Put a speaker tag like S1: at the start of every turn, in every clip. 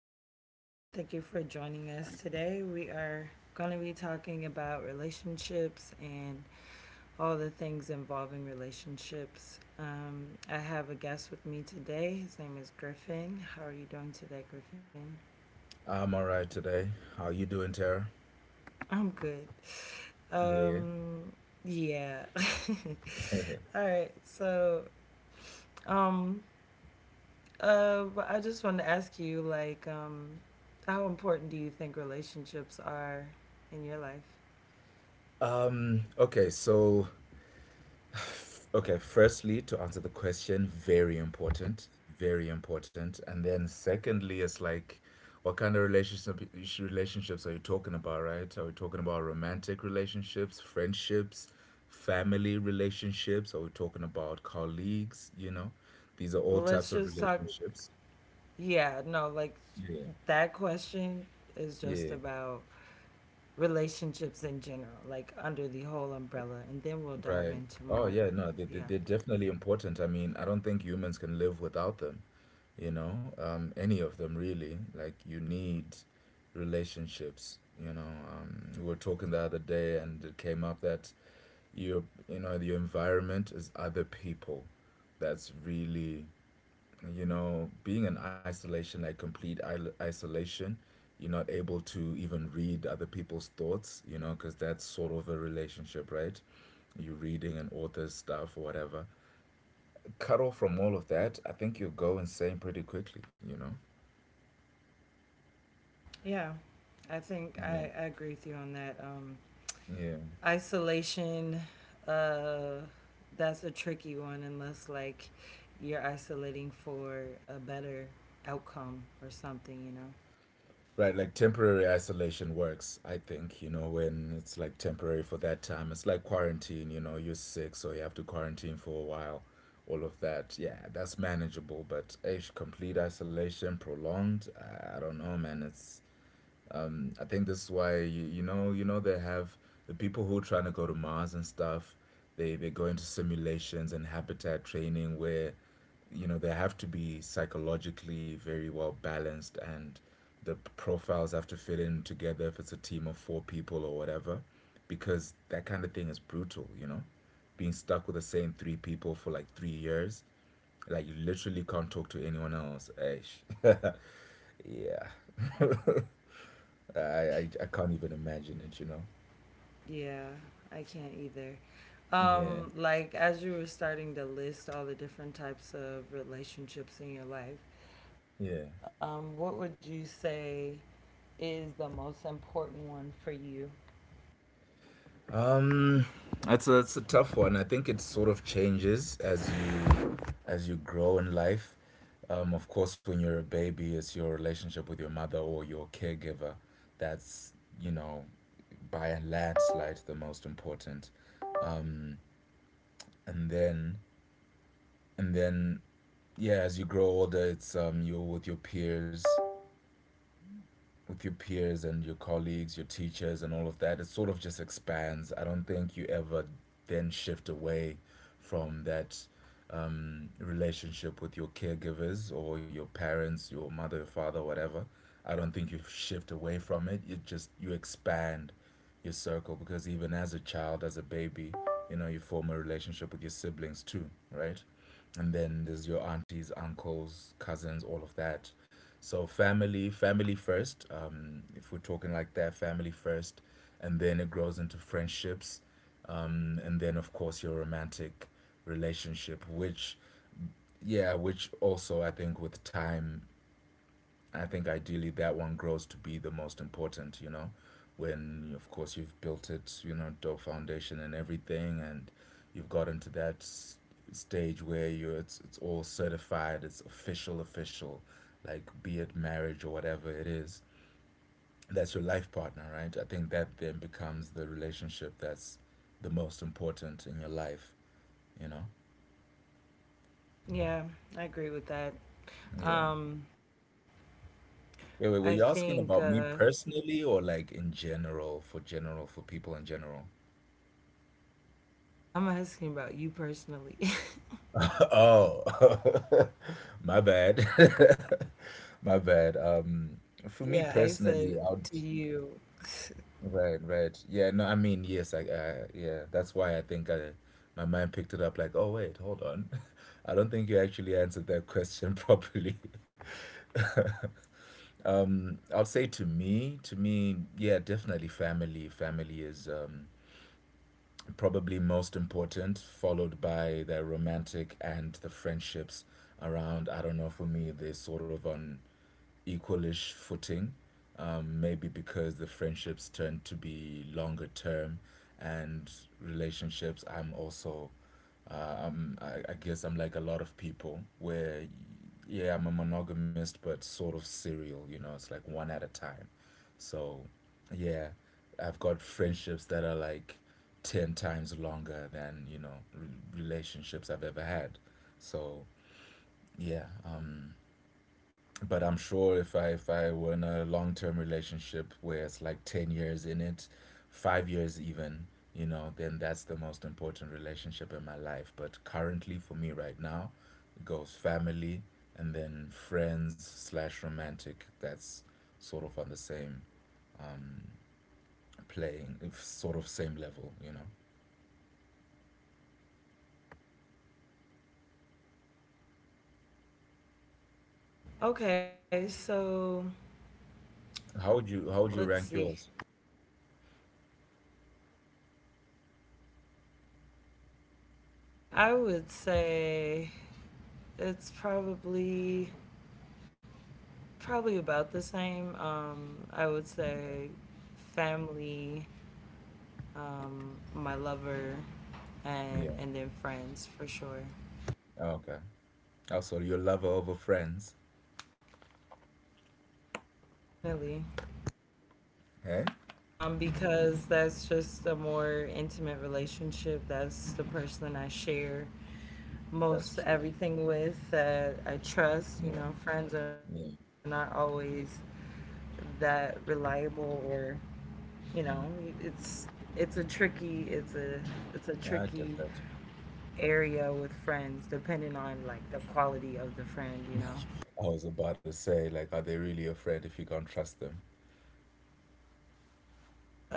S1: everyone. Thank you for joining us today. We are going to be talking about relationships and all the things involving relationships. I have a guest with me today. His name is Griffin. How are you doing today, Griffin?
S2: I'm all right today. How you doing, Tara?
S1: I'm good.
S2: Yeah.
S1: Um, yeah. All right. So, um, I just want to ask you, how important do you think relationships are in your life?
S2: Okay, so okay, firstly, to answer the question, very important, very important. And then secondly, it's like what kind of relationships are you talking about, right? Are we talking about romantic relationships, friendships, family relationships? Are we talking about colleagues, you know? These are all types
S1: Let's
S2: of
S1: just talk
S2: relationships.
S1: Yeah, no, like
S2: Yeah.
S1: that question is just
S2: Yeah.
S1: about relationships in general, like under the whole umbrella, and then we'll dive
S2: Right.
S1: into
S2: Oh
S1: more.
S2: yeah, no, they, they,
S1: Yeah.
S2: they're definitely important. I mean, I don't think humans can live without them, you know, any of them really. Like you need relationships, you know. We were talking the other day and it came up that you know, your environment is other people. That's really, you know, being in isolation, like complete isolation, you're not able to even read other people's thoughts, you know, because that's sort of a relationship, right? You're reading an author's stuff or whatever, cut off from all of that. I think you'll go insane pretty quickly, you know.
S1: Yeah. I think
S2: Yeah.
S1: I, I agree with you on that.
S2: Yeah.
S1: Isolation, uh, that's a tricky one unless like you're isolating for a better outcome or something, you know?
S2: Right, like temporary isolation works, I think, you know, when it's like temporary for that time. It's like quarantine, you know, you're sick, so you have to quarantine for a while, all of that. Yeah, that's manageable, but ish, complete isolation, prolonged, I don't know, man. It's I think this is why you know they have the people who are trying to go to Mars and stuff. They go into simulations and habitat training where, you know, they have to be psychologically very well balanced and the profiles have to fit in together if it's a team of four people or whatever, because that kind of thing is brutal, you know, being stuck with the same three people for like 3 years. Like you literally can't talk to anyone else. Eish. Yeah. I can't even imagine it, you know.
S1: Yeah, I can't either.
S2: Yeah,
S1: Like as you were starting to list all the different types of relationships in your life,
S2: yeah.
S1: what would you say is the most important one for you?
S2: Um, that's a tough one. I think it sort of changes as you grow in life. Of course, when you're a baby, it's your relationship with your mother or your caregiver. That's, you know, by a landslide the most important. And then and then yeah, as you grow older, it's you're with your peers and your colleagues, your teachers, and all of that. It sort of just expands. I don't think you ever then shift away from that relationship with your caregivers or your parents, your mother, your father, whatever. I don't think you shift away from it. You just you expand your circle, because even as a child, as a baby, you know, you form a relationship with your siblings too, right? And then there's your aunties, uncles, cousins, all of that. So family, family first. If we're talking like that, family first, and then it grows into friendships, and then of course your romantic relationship, which, yeah, which also I think with time, I think ideally that one grows to be the most important, you know, when of course you've built it, you know, dope foundation and everything, and you've gotten to that stage where you're it's all certified, it's official, official, like be it marriage or whatever it is. That's your life partner, right? I think that then becomes the relationship that's the most important in your life, you know?
S1: Yeah, I agree with that.
S2: Yeah.
S1: Um,
S2: Wait, wait, were
S1: I
S2: you asking
S1: think
S2: about me
S1: uh,
S2: personally or like in general, for people in general?
S1: I'm asking about you personally.
S2: Oh, my bad. My bad. For me
S1: Yeah,
S2: personally,
S1: I
S2: I would.
S1: said to you.
S2: Right, right. Yeah, no, I mean, yes, yeah, that's why my mind picked it up like, oh, wait, hold on. I don't think you actually answered that question properly. I'll say to me, yeah, definitely family. Family is, probably most important, followed by the romantic and the friendships around. I don't know, for me, they're sort of on equalish footing. Maybe because the friendships tend to be longer term and relationships, I'm also, I guess I'm like a lot of people where, yeah, I'm a monogamist, but sort of serial, you know, it's like one at a time. So, yeah, I've got friendships that are like 10 times longer than, you know, relationships I've ever had. So, yeah, but I'm sure if I were in a long term relationship where it's like 10 years in it, 5 years even, you know, then that's the most important relationship in my life. But currently for me right now, it goes family and then friends slash romantic. That's sort of on the same playing, if sort of same level, you know.
S1: Okay, so
S2: How would you
S1: let's
S2: rank
S1: see.
S2: yours?
S1: I would say it's probably about the same. I would
S2: Yeah.
S1: say family, my lover, and
S2: Yeah.
S1: then friends for sure.
S2: Oh, okay. Also, your lover over friends.
S1: Most definitely.
S2: Hey,
S1: Because that's just a more intimate relationship. That's the person I share
S2: that's
S1: most
S2: true.
S1: everything with that I trust. You
S2: Yeah.
S1: know, friends are not
S2: Yeah.
S1: always that reliable or you know, it's it's a tricky it's a it's a tricky
S2: I get that.
S1: area with friends depending on like the quality of the friend, you know.
S2: I was about to say, like, are they really afraid if you can't trust them?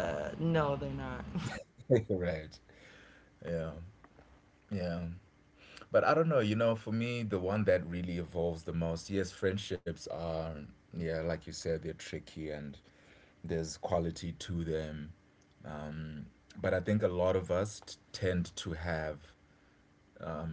S1: No, they're not.
S2: Right. Yeah. Yeah. But I don't know, you know, for me, the one that really evolves the most, yes, friendships are, yeah, like you said, they're tricky and there's quality to them. Mm. But I think a lot of us tend to have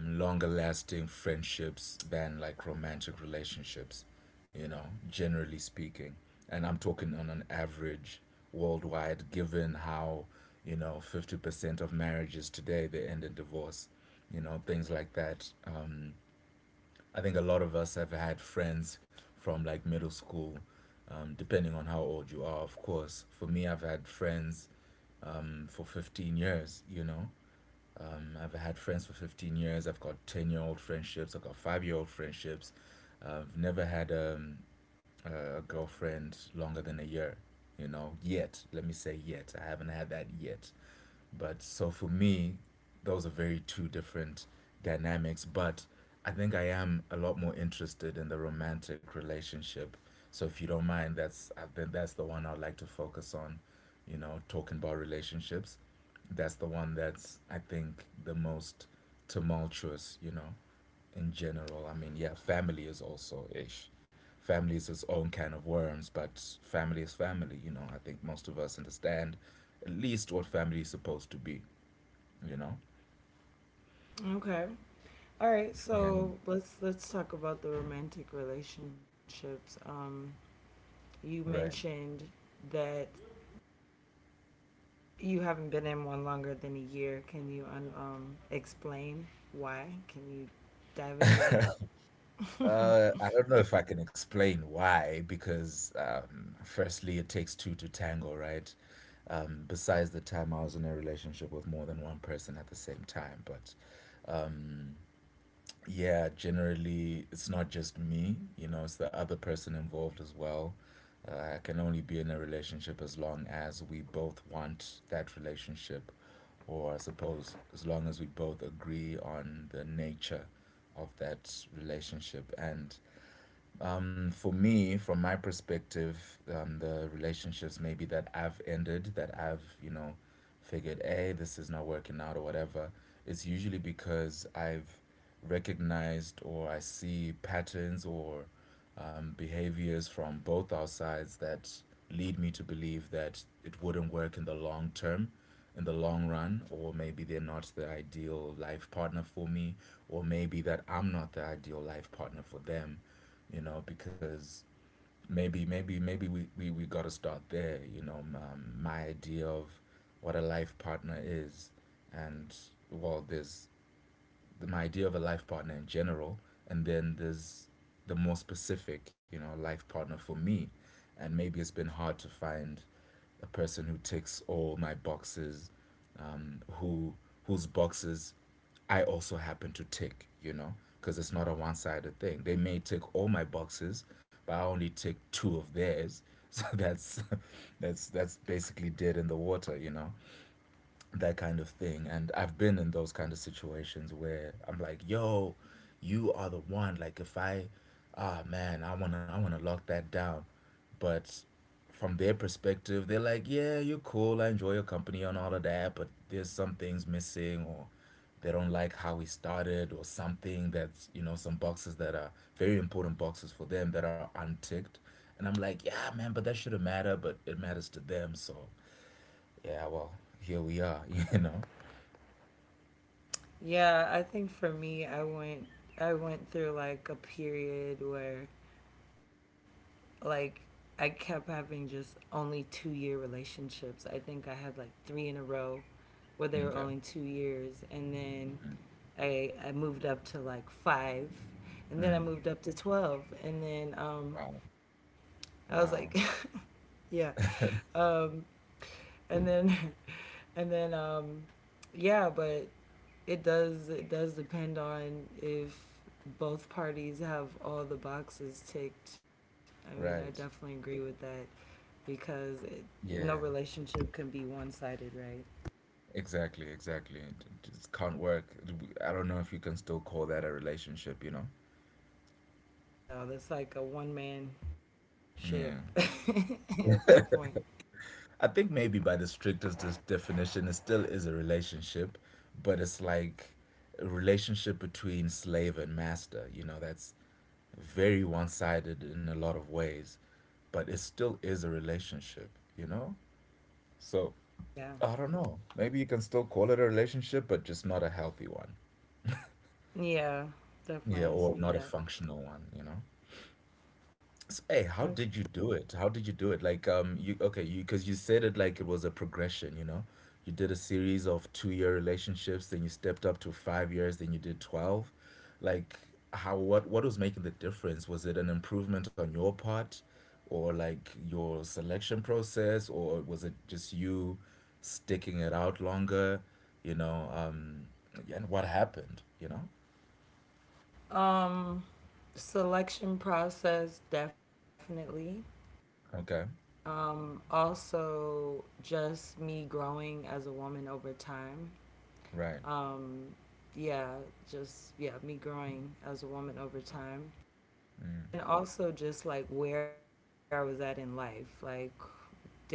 S2: longer lasting friendships than like romantic relationships, you know, generally speaking. And I'm talking on an average worldwide, given how, you know, 50% of marriages today they end in divorce, you know, things like that. I think a lot of us have had friends from like middle school, depending on how old you are, of course. For me, I've had friends for 15 years, you know, I've had friends for 15 years. I've got 10-year-old friendships. I've got 5 year old friendships. I've never had a girlfriend longer than a year, you know, yet. Let me say yet. I haven't had that yet. But so for me, those are very two different dynamics. But I think I am a lot more interested in the romantic relationship. So if you don't mind, that's, I think that's the one I'd like to focus on. You know, talking about relationships. That's the one that's, I think, the most tumultuous. You know, in general. I mean, yeah, family is also ish. Family is its own can of worms, but family is family, you know. I think most of us understand at least what family is supposed to be, you know?
S1: Okay. All right,
S2: Yeah,
S1: so let's talk about the romantic relationships. You
S2: right.
S1: mentioned that you haven't been in one longer than a year. Can you explain why? Can you dive into that?
S2: I don't know if I can explain why, because firstly, it takes two to tango, right? Besides the time I was in a relationship with more than one person at the same time, but yeah, generally it's not just me, you know, it's the other person involved as well. I can only be in a relationship as long as we both want that relationship, or I suppose as long as we both agree on the nature of that relationship. And for me, from my perspective, the relationships maybe that I've ended, that I've, you know, figured, hey, this is not working out or whatever, it's usually because I've recognized, or I see patterns, or behaviors from both our sides that lead me to believe that it wouldn't work in the long term, in the long run, or maybe they're not the ideal life partner for me, or maybe that I'm not the ideal life partner for them, you know, because maybe we got to start there, you know. My idea of what a life partner is. And well, there's my idea of a life partner in general, and then there's the more specific, you know, life partner for me. And maybe it's been hard to find a person who ticks all my boxes, um, who whose boxes I also happen to tick, you know, because it's not a one sided thing. They may tick all my boxes, but I only tick two of theirs. So that's that's basically dead in the water, you know, that kind of thing. And I've been in those kind of situations where I'm like, yo, you are the one. Like if I, ah man, I wanna lock that down. But from their perspective, they're like, yeah, you're cool, I enjoy your company and all of that, but there's some things missing, or they don't like how we started, or something that's, you know, some boxes that are very important boxes for them that are unticked. And I'm like, yeah, man, but that shouldn't matter, but it matters to them, so yeah, well, here we are, you know.
S1: Yeah, I think for me, I went through like a period where like I kept having just only 2 year relationships. I think I had like three in a row where they were
S2: Okay.
S1: only 2 years, and then
S2: Mm.
S1: I moved up to like five, and then I
S2: Mm.
S1: moved up to 12, and then
S2: Wow.
S1: I was like.
S2: Wow.
S1: Yeah. Um, and then and then yeah but it does depend on if both parties have all the boxes ticked. I definitely
S2: Right.
S1: agree with that, because no
S2: Yeah.
S1: relationship can be one-sided, right?
S2: Exactly, exactly. It just can't work. I don't know if you can still call that a relationship, you know.
S1: No, that's like a one-man ship
S2: Yeah.
S1: at that point.
S2: I think maybe by the strictest definition, it still is a relationship, but it's like a relationship between slave and master, that's very one sided in a lot of ways, but it still is a relationship, you know? So
S1: Yeah,
S2: I don't know. Maybe you can still call it a relationship, but just not a healthy one.
S1: yeah,
S2: Yeah,
S1: definitely, I
S2: or
S1: see
S2: not a
S1: that.
S2: functional one, you know? So, hey, how did you
S1: Okay.
S2: do it? How did you do it? Like, you okay, you because you said it like it was a progression, you know? You did a series of two-year relationships, then you stepped up to 5 years, then you did 12. Like, how what was making the difference? Was it an improvement on your part, or like your selection process, or was it just you sticking it out longer, you know? And what happened, you know?
S1: um Selection process, definitely.
S2: Okay.
S1: Also, just me growing as a woman over time.
S2: Right.
S1: Um, yeah, me growing as a woman over time.
S2: Mm.
S1: And also, just like where I was at in life, like different,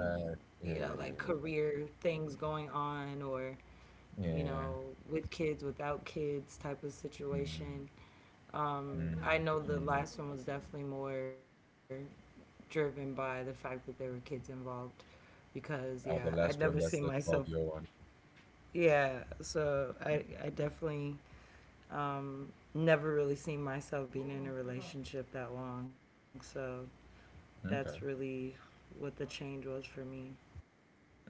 S1: you know, like
S2: Yeah, yeah, yeah, yeah.
S1: career things going on or, you know,
S2: Yeah.
S1: with kids, without kids type of situation.
S2: Mm,
S1: I
S2: mm,
S1: know the
S2: mm.
S1: last one was definitely more driven by the fact that there were kids involved, because yeah,
S2: Oh,
S1: I'd
S2: the
S1: never
S2: last
S1: seen
S2: one, that's the
S1: myself.
S2: 12-year one.
S1: Yeah, so I definitely never really seen myself being in a relationship that long. So that's
S2: Okay.
S1: really what the change was for me.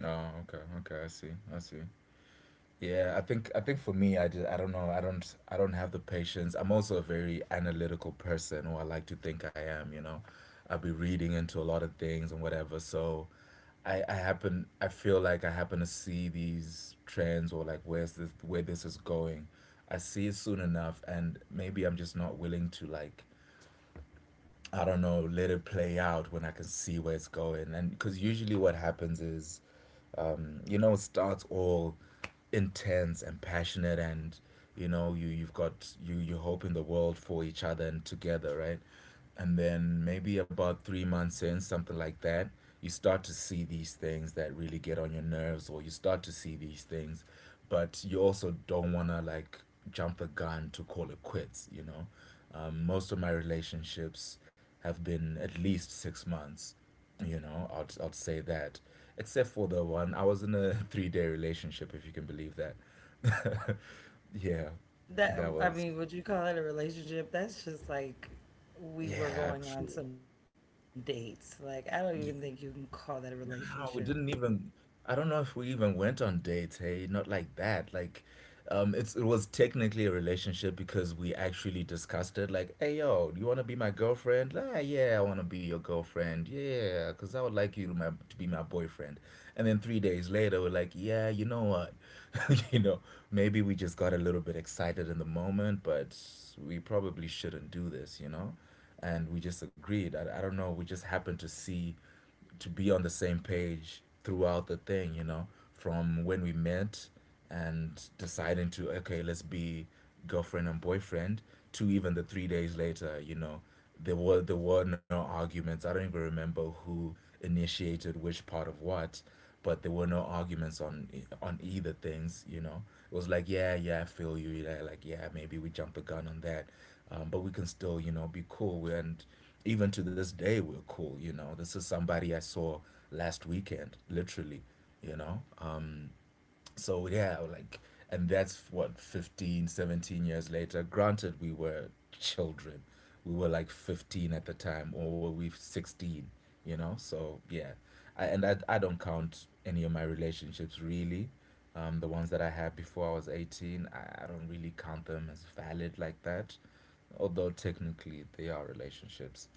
S2: Oh, okay. Okay, I see. I see. Yeah, I think for me, I don't know. I don't have the patience. I'm also a very analytical person, or I like to think I am, you know. I'll be reading into a lot of things and whatever. So I feel like I happen to see these trends, or like where this is going. I see it soon enough, and maybe I'm just not willing to, like, I don't know, let it play out when I can see where it's going. And because usually what happens is, it starts all intense and passionate, and you've got you hope in the world for each other and together, right? And then maybe about 3 months in, something like that, you start to see these things that really get on your nerves, or you start to see these things, but you also don't want to, like, jump the gun to call it quits. Most of my relationships have been at least six months. I'd say that. Except for the one, I was in a 3 day relationship, if you can believe that. Yeah,
S1: That,
S2: that
S1: I
S2: was
S1: mean, would you call it a relationship? That's just like we were
S2: yeah,
S1: going on
S2: true.
S1: some dates. Like I don't even think you can call that a relationship.
S2: No, we didn't even. I don't know if we even went on dates. Hey, not like that. Like, it was technically a relationship, because we actually discussed it. Like, hey, yo, do you want to be my girlfriend? Ah, yeah, I want to be your girlfriend. Yeah, cause I would like you to be my boyfriend. And then 3 days later, we're like, yeah, you know what? you know, maybe we just got a little bit excited in the moment, but we probably shouldn't do this. And we just agreed. I don't know. We just happened to be on the same page throughout the thing, from when we met and deciding to, okay, let's be girlfriend and boyfriend, to even the 3 days later. There were no arguments. I don't even remember who initiated which part of what, but there were no arguments on on either things. It was like, yeah, yeah, I feel you. Yeah, like, yeah, maybe we jumped the gun on that, but we can still, be cool. And even to this day, we're cool. This is somebody I saw last weekend, literally. You know, um, so, yeah, like, and that's what, 15, 17 years later, granted, we were children. We were like 15 at the time, or were we 16, so, yeah. And I don't count any of my relationships really, the ones that I had before I was 18. I don't really count them as valid like that, although technically they are relationships.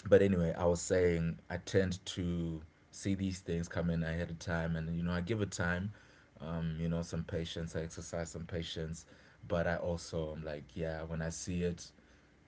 S2: But anyway, I was saying, I tend to see these things come in ahead of time, and I give it time, some patience. I exercise some patience, but I also am like, yeah, when I see it,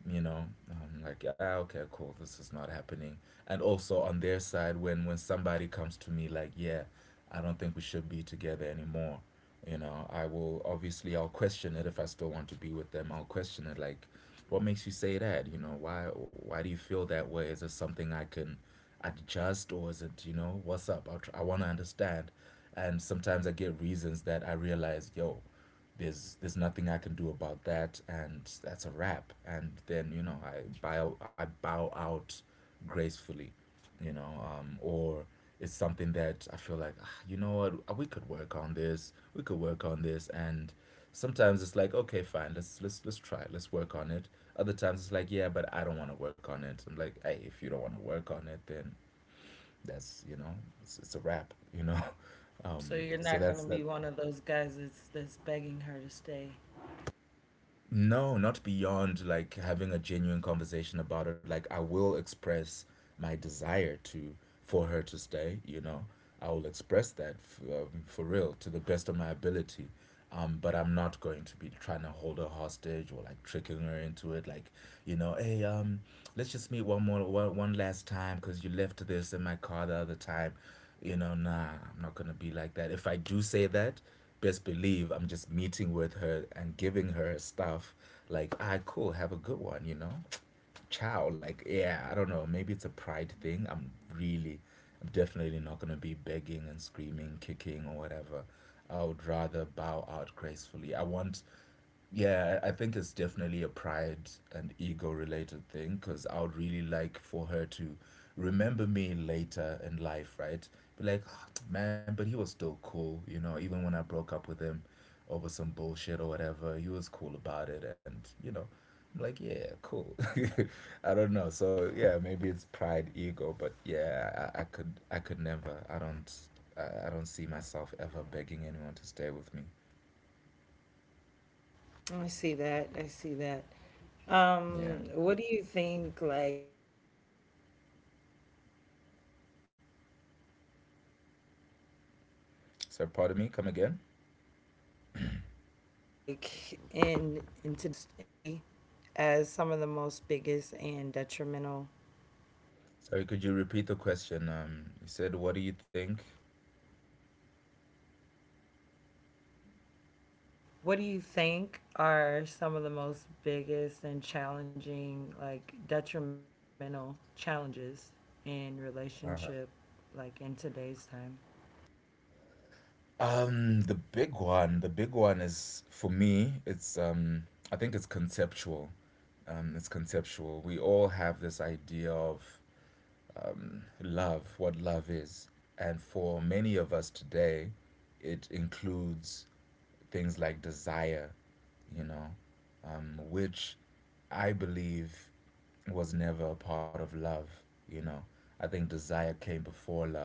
S2: you know I'm like, ah, okay, cool, this is not happening. And also on their side, when somebody comes to me like, yeah, I don't think we should be together anymore, I will obviously I'll question it if I still want to be with them. I'll question it like, what makes you say that? Why do you feel that way? Is it something I can adjust, or is it, what's up? I want to understand. And sometimes I get reasons that I realize, yo, there's nothing I can do about that, and that's a wrap. And then, I bow out gracefully, or it's something that I feel like, "Ah, you know what? We could work on this, we could work on this," and sometimes it's like, okay, fine, let's try it, let's work on it. Other times it's like, yeah, but I don't want to work on it. I'm like, hey, if you don't want to work on it, then that's it's a wrap,
S1: So you're
S2: so
S1: not gonna
S2: that's that.
S1: be one of those guys that's begging her to stay.
S2: No, not beyond like having a genuine conversation about it. Like, I will express my desire, to for her to stay, you know. I will express that, for real, to the best of my ability. But I'm not going to be trying to hold her hostage or like tricking her into it. Like, hey, let's just meet one last time because you left this in my car the other time. Nah, I'm not gonna be like that. If I do say that, best believe I'm just meeting with her and giving her stuff. Like, ah, cool, have a good one, you know? Ciao. Like, yeah, I don't know. Maybe it's a pride thing. I'm definitely not going to be begging and screaming, kicking, or whatever. I would rather bow out gracefully. I want Yeah, I think it's definitely a pride and ego related thing, because I would really like for her to remember me later in life, right? Be like, "Ah, man, but he was still cool, even when I broke up with him over some bullshit or whatever, he was cool about it." And, I'm like, yeah, cool. I don't know. So, yeah, maybe it's pride, ego, but yeah, I could never, I don't see myself ever begging anyone to stay with me.
S1: I see that. I see that.
S2: Yeah.
S1: What do you think, like in today's time, what do you think are some of the biggest and most
S2: So, pardon me, come
S1: detrimental?
S2: again?
S1: I said, what do you see as some of the most biggest and detrimental?
S2: Sorry, could you
S1: So,
S2: repeat the question? You said, what do you think?
S1: what do you think are some of the most biggest and challenging, like detrimental challenges in relationship, like in today's time?
S2: The big one is for me, it's I think it's conceptual. It's conceptual. We all have this idea of, love, what love is. And for many of us today, it includes things like desire, you know, which I believe was never a part of love, you know. I think desire came before love,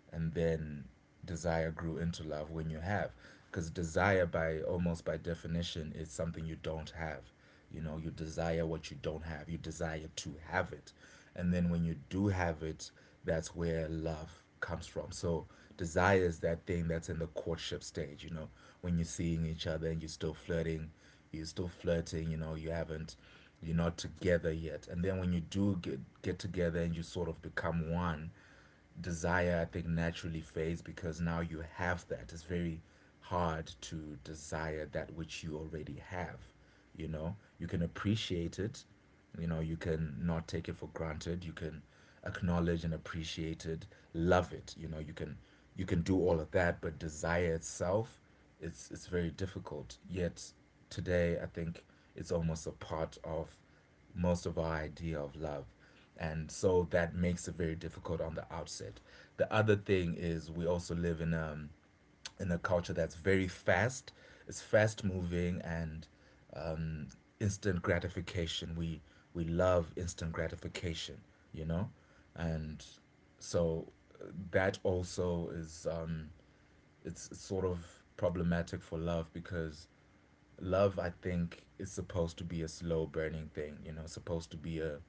S2: and then desire grew into love when you have. Because desire, by almost by definition, is something you don't have. You desire what you don't have, you desire to have it. And then when you do have it, that's where love comes from. So desire is that thing that's in the courtship stage, when you're seeing each other and you're still flirting, you know, you haven't you're not together yet. And then when you do get together and you sort of become one, desire, I think, naturally fades, because now you have that. It's very hard to desire that which you already have. You can appreciate it, you can not take it for granted, you can acknowledge and appreciate it, love it, you can do all of that, but desire itself, it's very difficult. Yet today I think it's almost a part of most of our idea of love. And so that makes it very difficult on the outset. The other thing is, we also live in, in a culture that's very fast. It's fast moving, and instant gratification. We love instant gratification, you know? And so, that also is it's sort of problematic for love, because love, I think, is supposed to be a slow burning thing, supposed to be a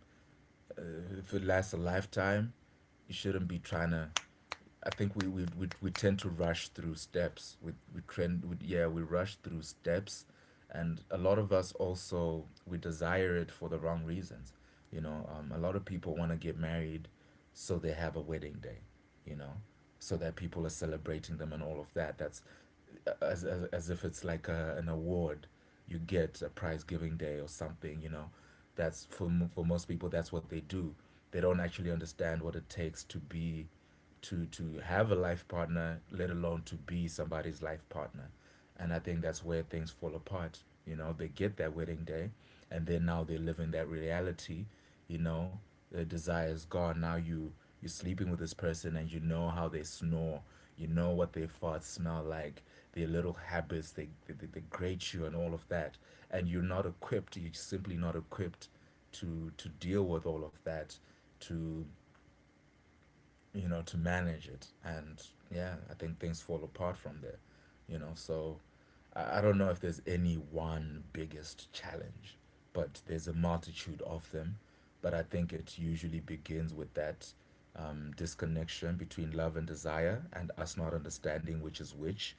S2: uh, if it lasts a lifetime, you shouldn't be trying to. I think we tend to rush through steps. We trend we, yeah we rush through steps, and a lot of us also, we desire it for the wrong reasons. A lot of people want to get married, so they have a wedding day. You know, so that people are celebrating them and all of that. That's as if it's like an award you get a prize giving day or something, you know. That's for most people, that's what they do. They don't actually understand what it takes to be to have a life partner, let alone to be somebody's life partner. And I think that's where things fall apart. You know, they get that wedding day, and then now they live in that reality. You know, the desire is gone. Now you're sleeping with this person, and you know how they snore. You know what their farts smell like, their little habits. They grate you and all of that, and you're not equipped. You're simply not equipped to deal with all of that, to, you know, to manage it. And yeah, I think things fall apart from there, you know. So I don't know if there's any one biggest challenge, but there's a multitude of them. But I think it usually begins with that disconnection between love and desire, and us not understanding which is which,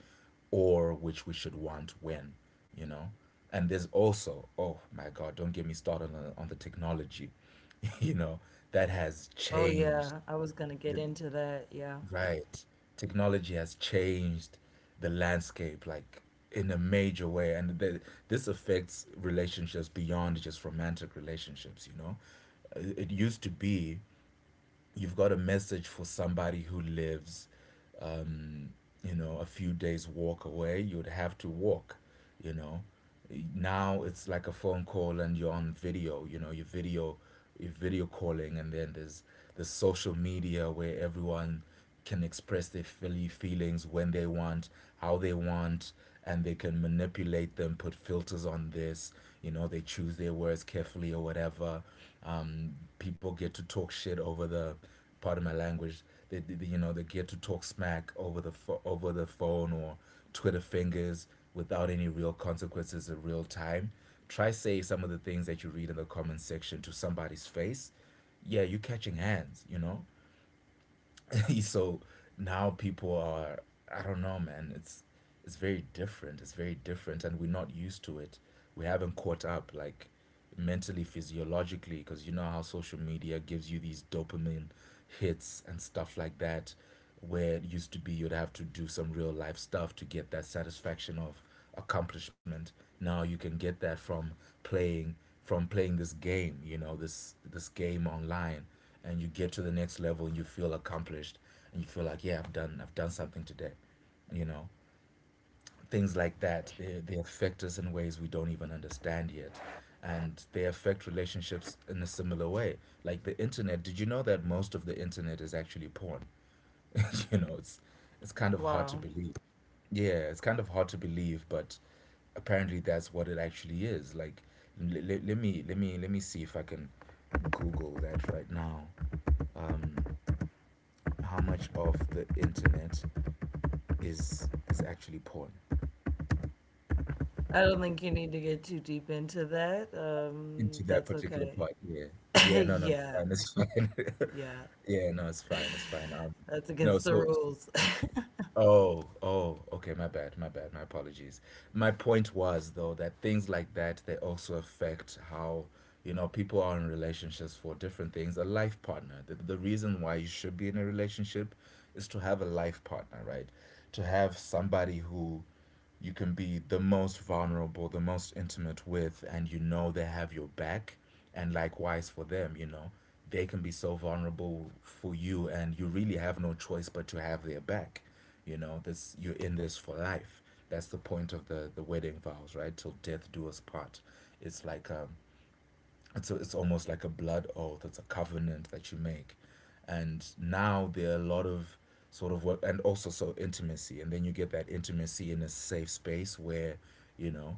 S2: or which we should want when, you know. And there's also, oh my God, don't get me started on on the technology, you know, that
S1: Oh
S2: has
S1: yeah, I
S2: changed
S1: was gonna get
S2: the,
S1: into that. Yeah.
S2: Right. Technology has changed the landscape like in a major way, and this affects relationships beyond just romantic relationships, you know? It used to be you've got a message for somebody who lives, um, you know, a few days' walk away. You'd have to walk, you know? Now it's like a phone call and you're on video, you know, your video you're video calling. And then there's the social media where everyone can express their feelings when they want, how they want, and they can manipulate them, put filters on this. You know, they choose their words carefully or whatever. People get to talk shit over the, pardon my language, they you know they get to talk smack over the over the phone, or Twitter fingers, without any real consequences in real time. Try say some of the things that you read in the comment section to somebody's face. Yeah, you're catching hands, you know? So now people are, I don't know, man. It's very different. It's very different, and we're not used to it. We haven't caught up like mentally, physiologically, because you know how social media gives you these dopamine hits and stuff like that, where it used to be you'd have to do some real life stuff to get that satisfaction of accomplishment. Now you can get that from playing playing this game, you know, this game online, and you get to the next level and you feel accomplished, and you feel like, yeah, I've done something today, you know. Things like that, they affect us in ways we don't even understand yet, and they affect relationships in a similar way, like the internet did. You know that most of the internet is actually porn? You know, it's kind of hard to
S1: Wow.
S2: believe. Yeah, it's kind of hard to believe, but apparently that's what it actually is. Like, let me let me see if I can Google that right now. How much of the internet is actually porn?
S1: I don't think you need to get too deep into that.
S2: Into that
S1: That's
S2: particular
S1: okay.
S2: part, yeah, yeah. No, no, it's
S1: Yeah,
S2: fine. It's
S1: yeah,
S2: fine. Yeah, no, it's fine. It's
S1: that's
S2: fine.
S1: against the rules.
S2: No, so, oh, oh, okay, my bad, my bad, my apologies. My point was, though, that things like that, they also affect how, you know, people are in relationships for different things. A life partner. The reason why you should be in a relationship is to have a life partner, right? To have somebody who you can be the most vulnerable, the most intimate with, and you know they have your back. And likewise for them, you know, they can be so vulnerable for you, and you really have no choice but to have their back. You know, this you're in this for life. That's the point of the wedding vows, right? Till death do us part. It's like, it's it's almost like a blood oath. It's a covenant that you make, and now there are a lot of sort of work and also so intimacy. And then you get that intimacy in a safe space where, you know,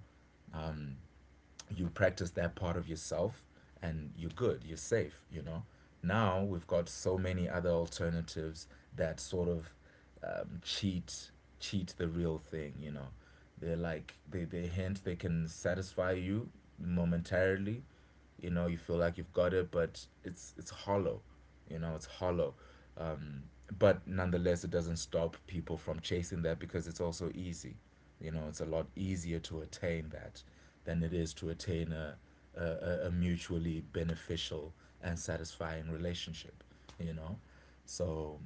S2: you practice that part of yourself, and you're good, you're safe, you know. Now we've got so many other alternatives that sort of um, cheat cheat the real thing, you know. They're like, they hint they can satisfy you momentarily, you know. You feel like you've got it, but it's hollow, you know, it's hollow. um, but nonetheless, it doesn't stop people from chasing that, because it's also easy. You know, it's a lot easier to attain that than it is to attain a mutually beneficial and satisfying relationship, you know. So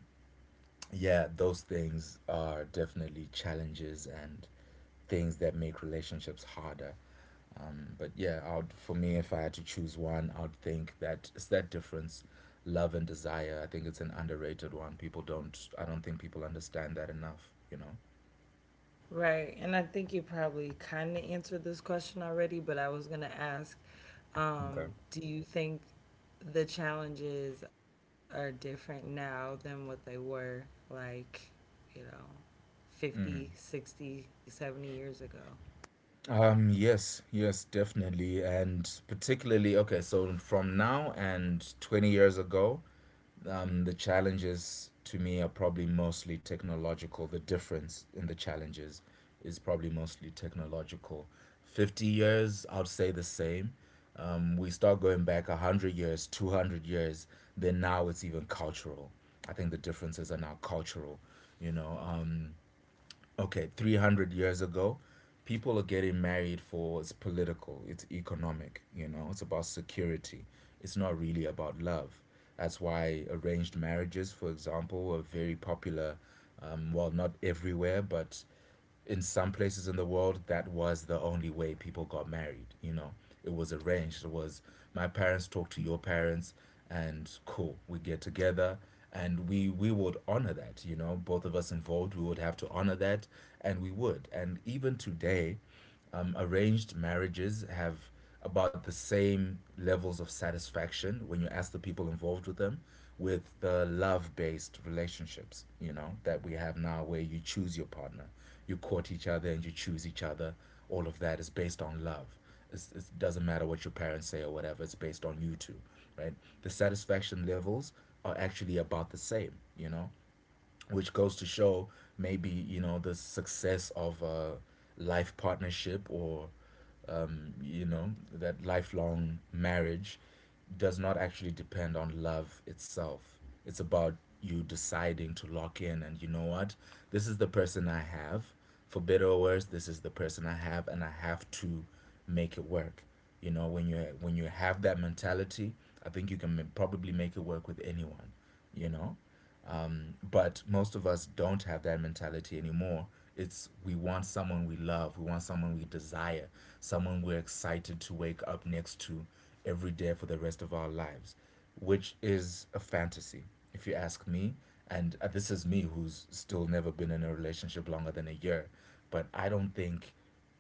S2: yeah, those things are definitely challenges and things that make relationships harder. But yeah, I'd, for me, if I had to choose one, I'd think that it's that difference, love and desire. I think it's an underrated one. People don't. I don't think people understand that enough. You know.
S1: Right, and I think you probably kind of answered this question already, but I was going to ask,
S2: Okay.
S1: do you think the challenges are different now than what they were like, you know, 50,
S2: Mm.
S1: 60, 70 years ago?
S2: Yes, yes, definitely. And particularly, okay, so from now and 20 years ago, um, the challenges to me are probably mostly technological. The difference in the challenges is probably mostly technological. 50 years, I'd say the same. We start going back 100 years, 200 years, then now it's even cultural. I think the differences are now cultural, you know. Okay, 300 years ago, people are getting married for, it's political, it's economic, you know, it's about security. It's not really about love. That's why arranged marriages, for example, are very popular. Well, not everywhere, but in some places in the world that was the only way people got married. You know, it was arranged. It was my parents talk to your parents, and cool, we get together, and we would honor that, you know, both of us involved, we would have to honor that, and we would. And even today, arranged marriages have about the same levels of satisfaction, when you ask the people involved with them, with the love based relationships, you know, that we have now, where you choose your partner, you court each other and you choose each other. All of that is based on love. It doesn't matter what your parents say or whatever, it's based on you two, right? The satisfaction levels are actually about the same, you know? Which goes to show, maybe, you know, the success of a life partnership, or, you know, that lifelong marriage does not actually depend on love itself. It's about you deciding to lock in, and, you know what, this is the person I have. For better or worse, this is the person I have, and I have to make it work. You know, when you have that mentality, I think you can probably make it work with anyone, you know. But most of us don't have that mentality anymore. It's, we want someone we love, we want someone we desire, someone we're excited to wake up next to every day for the rest of our lives, which is a fantasy, if you ask me. And this is me who's still never been in a relationship longer than a year. But I don't think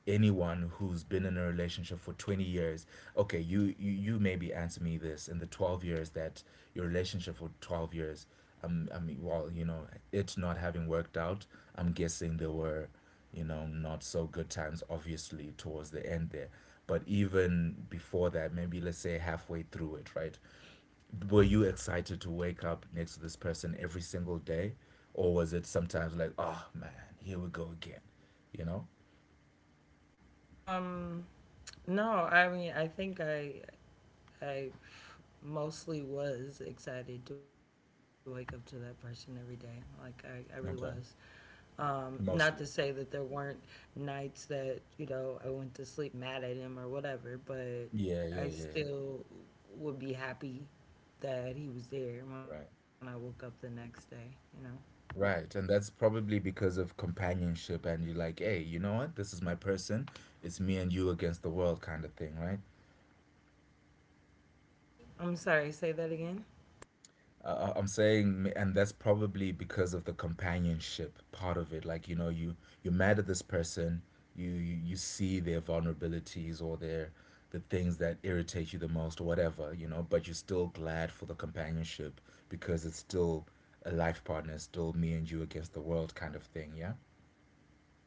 S2: anyone who's been in a relationship for 20 years, okay, you maybe answer me this. In the 12 years that your relationship for 12 years, I mean, well, you know, it not having worked out, I'm guessing there were, you know, not so good times obviously towards the end there, but even before that, maybe let's say halfway through it, right, were you excited to wake up next to this person every single day? Or was it sometimes like, oh man, here we go again, you know?
S1: Um, no, I mean, I think I mostly was excited to wake up to that person every day. Like I really was.
S2: Okay.
S1: Not to say
S2: Mostly.
S1: that there weren't nights that you know I went to sleep mad at him or whatever, but
S2: Yeah, yeah,
S1: I
S2: yeah.
S1: still would be happy that he was there when I
S2: Right.
S1: woke up the next day. You know.
S2: Right. And that's probably because of companionship, and you're like, hey, you know what? This is my person. It's me and you against the world kind of thing, right?
S1: I'm sorry. Say that again.
S2: I'm saying, and that's probably because of the companionship part of it. Like, you know, you're mad at this person, you see their vulnerabilities, or their, the things that irritate you the most or whatever, you know, but you're still glad for the companionship, because it's still a life partner, it's still me and you against the world kind of thing, yeah?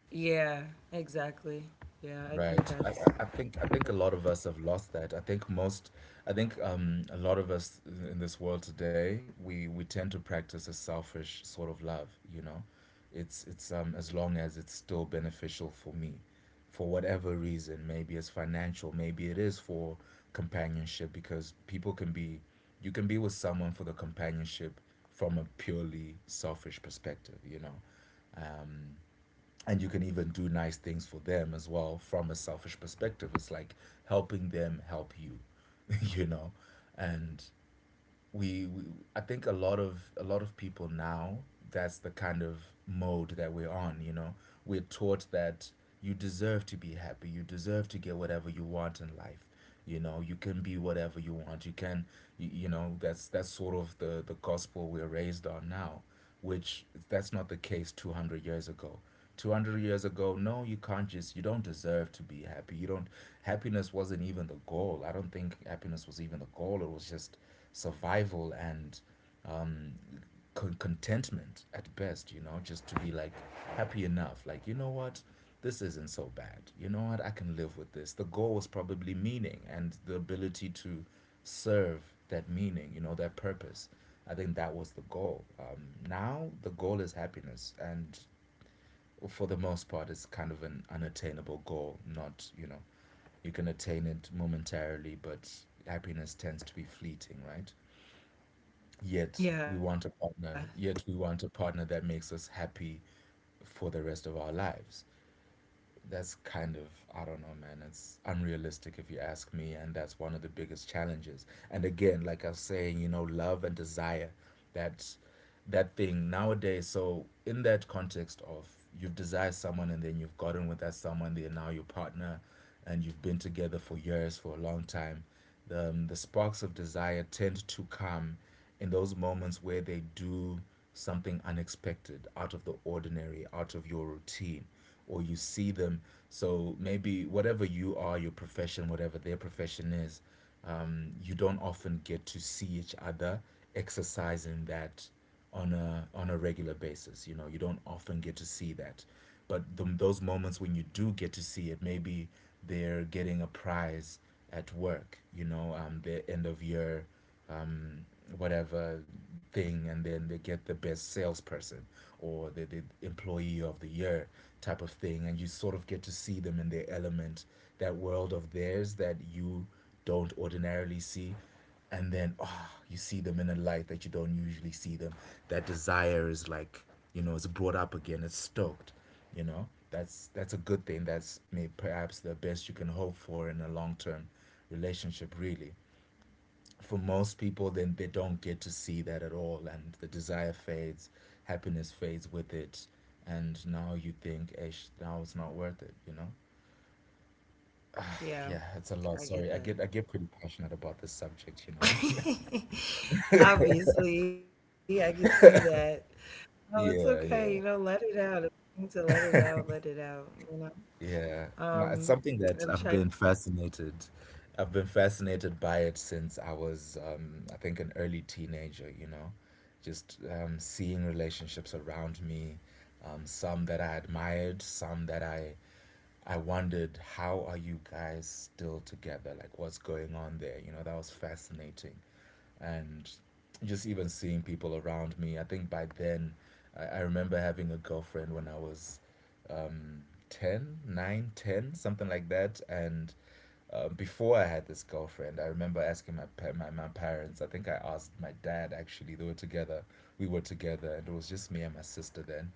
S1: Yeah. Exactly. Yeah. I think
S2: Right. I, I
S1: that's
S2: I think I
S1: that.
S2: think a
S1: It.
S2: lot of us have lost that. I think most. I think a lot of us in this world today, we tend to practice a selfish sort of love, you know. It's as long as it's still beneficial for me for whatever reason. Maybe it's financial, maybe it is for companionship because people can be, you can be with someone for the companionship from a purely selfish perspective, you know, and you can even do nice things for them as well from a selfish perspective. It's like helping them help you you know. And we I think a lot of people now, that's the kind of mode that we're on, you know. We're taught that you deserve to be happy, you deserve to get whatever you want in life. You know, you can be whatever you want. You can, that's sort of the gospel we're raised on now, which that's not the case 200 years ago. 200 years ago, no, you can't just, you don't deserve to be happy. You don't, happiness wasn't even the goal. I don't think happiness was even the goal. It was just survival and um, contentment at best, you know, just to be like happy enough. Like, you know what? This isn't so bad. You know what? I can live with this. The goal was probably meaning and the ability to serve that meaning, you know, that purpose. I think that was the goal. Now the goal is happiness, and for the most part, it's kind of an unattainable goal. Not, you know, you can attain it momentarily, but happiness tends to be fleeting, right? Yet we want
S1: Yeah.
S2: a partner. Yet we want a partner that makes us happy for the rest of our lives. That's kind of, I don't know, man. It's unrealistic if you ask me, and that's one of the biggest challenges. And again, like I was saying, you know, love and desire, that that thing nowadays. So in that context of, you've desired someone and then you've gotten with that someone, they're now your partner, and you've been together for years, for a long time. The sparks of desire tend to come in those moments where they do something unexpected, out of the ordinary, out of your routine, or you see them. So maybe whatever you are, your profession, whatever their profession is, you don't often get to see each other exercising that on a regular basis. You know, you don't often get to see that, but those moments when you do get to see it, maybe they're getting a prize at work. You know, their end of year, whatever thing, and then they get the best salesperson or the employee of the year type of thing, and you sort of get to see them in their element, that world of theirs that you don't ordinarily see. And then, oh, you see them in a light that you don't usually see them. That desire is, like, you know, it's brought up again, it's stoked, you know. That's a good thing. That's maybe perhaps the best you can hope for in a long-term relationship, really. For most people, then, they don't get to see that at all, and the desire fades, happiness fades with it, and now you think, ish, now it's not worth it, you know. Yeah, it's a
S1: Yeah.
S2: lot. Sorry, i get
S1: I
S2: i
S1: get
S2: get pretty passionate about this subject, you know.
S1: that. Obviously, I can see that. Oh, it's
S2: Yeah,
S1: okay.
S2: yeah.
S1: You know, let it out. If you need to let it out, you know?
S2: Yeah, no, it's
S1: Um,
S2: something that I've
S1: I'm
S2: been
S1: trying.
S2: fascinated. I've been fascinated by it since I was, I think, an early teenager, you know, just seeing relationships around me, some that I admired, some that I wondered, how are you guys still together? Like, what's going on there? You know, that was fascinating. And just even seeing people around me, I think by then, I remember having a girlfriend when I was um, 10, nine, ten, something like that. And before I had this girlfriend, I remember asking my, pa- my parents. I think I asked my dad actually. They were together. We were together, and it was just me and my sister then.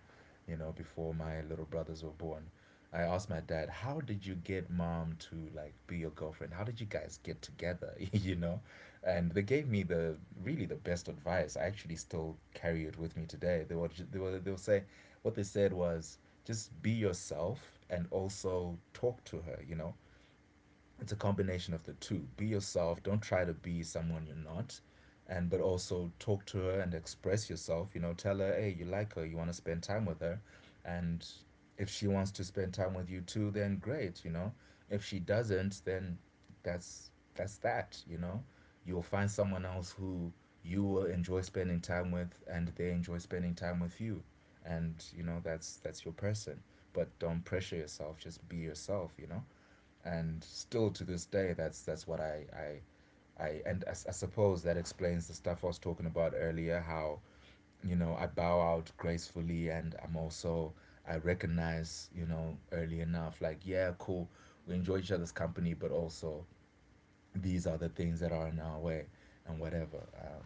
S2: You know, before my little brothers were born, I asked my dad, "How did you get mom to like be your girlfriend? How did you guys get together?" You know, and they gave me the really the best advice. I actually still carry it with me today. They were ju- they were say, What they said was just be yourself and also talk to her, you know. It's a combination of the two. Be yourself, don't try to be someone you're not, and but also talk to her and express yourself, you know. Tell her, hey, you like her, you want to spend time with her, and if she wants to spend time with you too, then great, you know. If she doesn't, then that's that, you know. You'll find someone else who you will enjoy spending time with and they enjoy spending time with you, and you know, that's your person. But don't pressure yourself, just be yourself, you know. And still to this day, that's what I and I I suppose that explains the stuff I was talking about earlier, how, you know, I bow out gracefully, and I'm also, I recognize, you know, early enough, like, yeah, cool, we enjoy each other's company, but also these are the things that are in our way and whatever.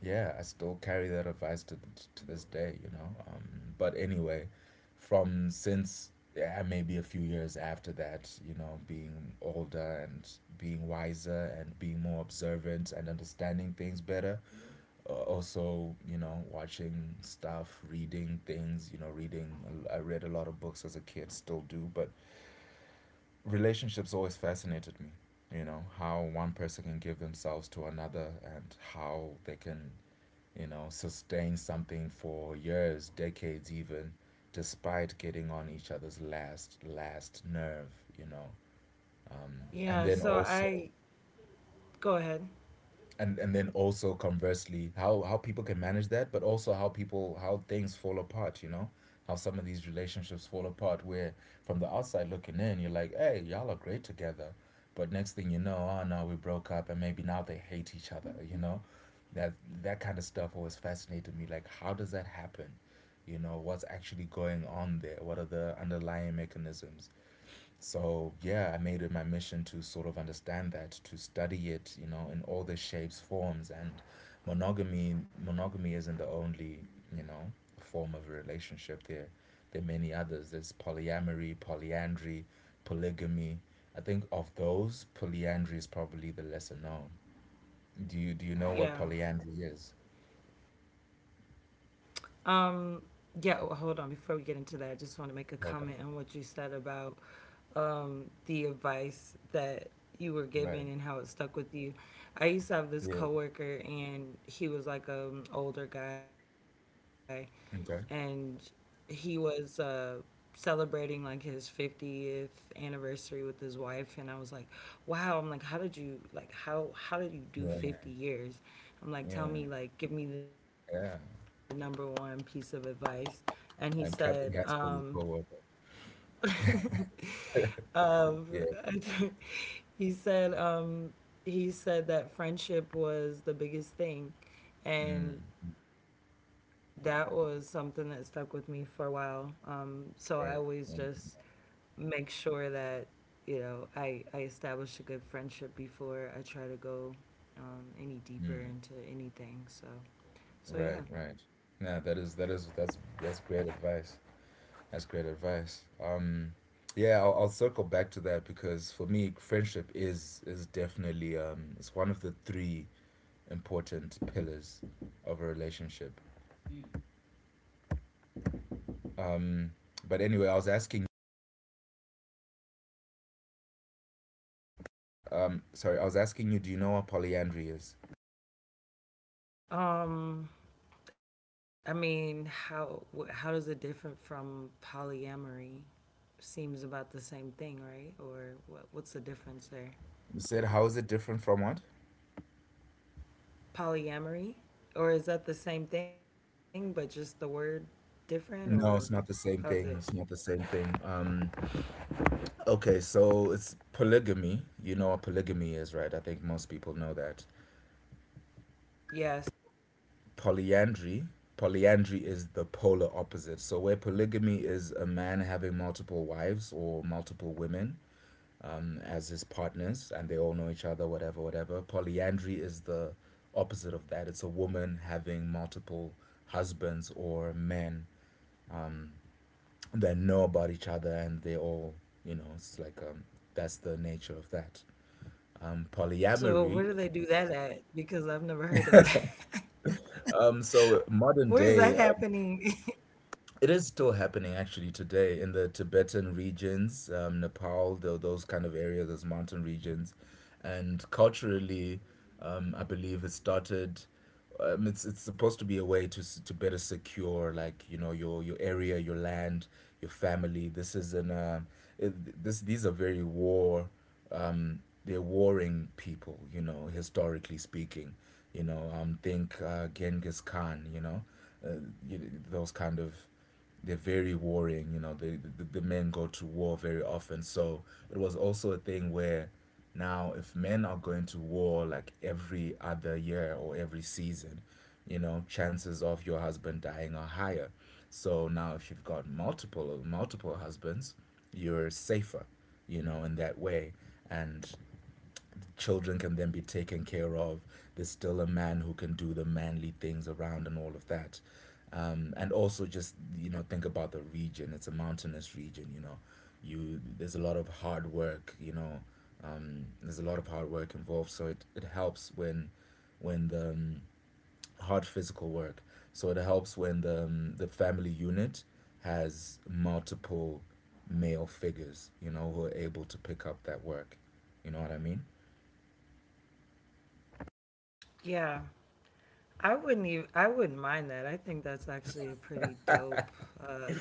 S2: Yeah, I still carry that advice to to this day, you know. But anyway, from since, yeah, maybe a few years after that, you know, being older and being wiser and being more observant and understanding things better. Also, you know, watching stuff, reading things, you know, reading. I read a lot of books as a kid, still do, but relationships always fascinated me, you know, how one person can give themselves to another and how they can, you know, sustain something for years, decades even, despite getting on each other's last nerve, you know. And
S1: Yeah,
S2: then
S1: so
S2: also,
S1: I Go ahead.
S2: and then also conversely, how people can manage that, but also how people, how things fall apart, you know. How some of these relationships fall apart where from the outside looking in you're like, hey, y'all are great together, but next thing you know, oh no, we broke up, and maybe now they hate each other, you know. That, that kind of stuff always fascinated me. Like, how does that happen, you know? What's actually going on there? What are the underlying mechanisms? So yeah, I made it my mission to sort of understand that, to study it, you know, in all the shapes, forms, and monogamy. Monogamy isn't the only, you know, form of a relationship. There are many others. There's polyamory, polyandry, polygamy. I think of those, polyandry is probably the lesser known. Do you know what polyandry is?
S1: Yeah. Um, yeah, oh, hold on. Before we get into that, I just wanted to
S2: Okay,
S1: make a comment on what you said about the advice that
S2: right.
S1: you were given and how it stuck with you.
S2: Yeah.
S1: I used to have this coworker, and he was like an older guy
S2: Okay.
S1: and he was celebrating like his 50th anniversary with his wife, and I was like, wow, I'm like, how did you like,
S2: Yeah.
S1: how did you do 50
S2: Yeah.
S1: years? I'm like, tell me,
S2: Yeah.
S1: like, give me the number one piece of advice. And
S2: I'm
S1: he
S2: clapping hands
S1: said,
S2: for your coworker. Yeah.
S1: um, I- he said um, he said that friendship was the biggest thing,
S2: Mm.
S1: and that was something that stuck with me for a while.
S2: Right.
S1: So I always just make sure that you know I establish a good friendship before I try to go
S2: Mhm.
S1: any deeper into anything.
S2: Right,
S1: So
S2: right.
S1: so
S2: Nah,
S1: yeah.
S2: that is that's great advice. That's great advice. Yeah, I'll circle back to that because for me, friendship is definitely it's one of the three important pillars of a relationship. Um, but anyway, I was asking sorry, I was asking you, do you know what polyandry is?
S1: Um, I mean, how does it different from polyamory? Seems about the same thing, right? Or what what's the difference
S2: You
S1: there?
S2: said how is it different from what?
S1: Polyamory, or is that the same thing but just the word
S2: No,
S1: different,
S2: it's not the
S1: or
S2: same thing. It's
S1: how's
S2: not
S1: it?
S2: the same thing. Okay, so it's polygamy. You know what polygamy is, right? I think most people know that.
S1: Yes.
S2: Polyandry, polyandry is the polar opposite. So where polygamy is a man having multiple wives or multiple women, mm, as his partners and they all know each other, whatever, whatever. Polyandry is the opposite of that. It's a woman having multiple husbands or men that know about each other, and they all, you know, it's like that's the nature of that. Polyamory.
S1: So where do they do that at? Because I've never heard of that.
S2: So modern
S1: Where is that
S2: day,
S1: happening?
S2: it is still happening actually today in the Tibetan regions, Nepal, those kind of areas, those mountain regions, and culturally, I believe it started. It's supposed to be a way to to better secure, like, you know, your area, your land, your family. This is an it, this, these are very war. They're warring people, you know, historically speaking. You know, think Genghis Khan. You know, uh, you, those kind of, they're very warring. You know, the the men go to war very often. So it was also a thing where now if men are going to war like every other year or every season, you know, chances of your husband dying are higher. So now if you've got multiple husbands, you're safer, you know, in that way. And children can then be taken care of. There's still a man who can do the manly things around and all of that. And also just think about the region. It's a mountainous region. You know, you there's a lot of hard work. There's a lot of hard work involved. So it helps when the hard physical work. So it helps when the family unit has multiple male figures. You know, who are able to pick up that work. You know what I mean?
S1: Yeah. I wouldn't even, I wouldn't mind that. I think that's actually a pretty dope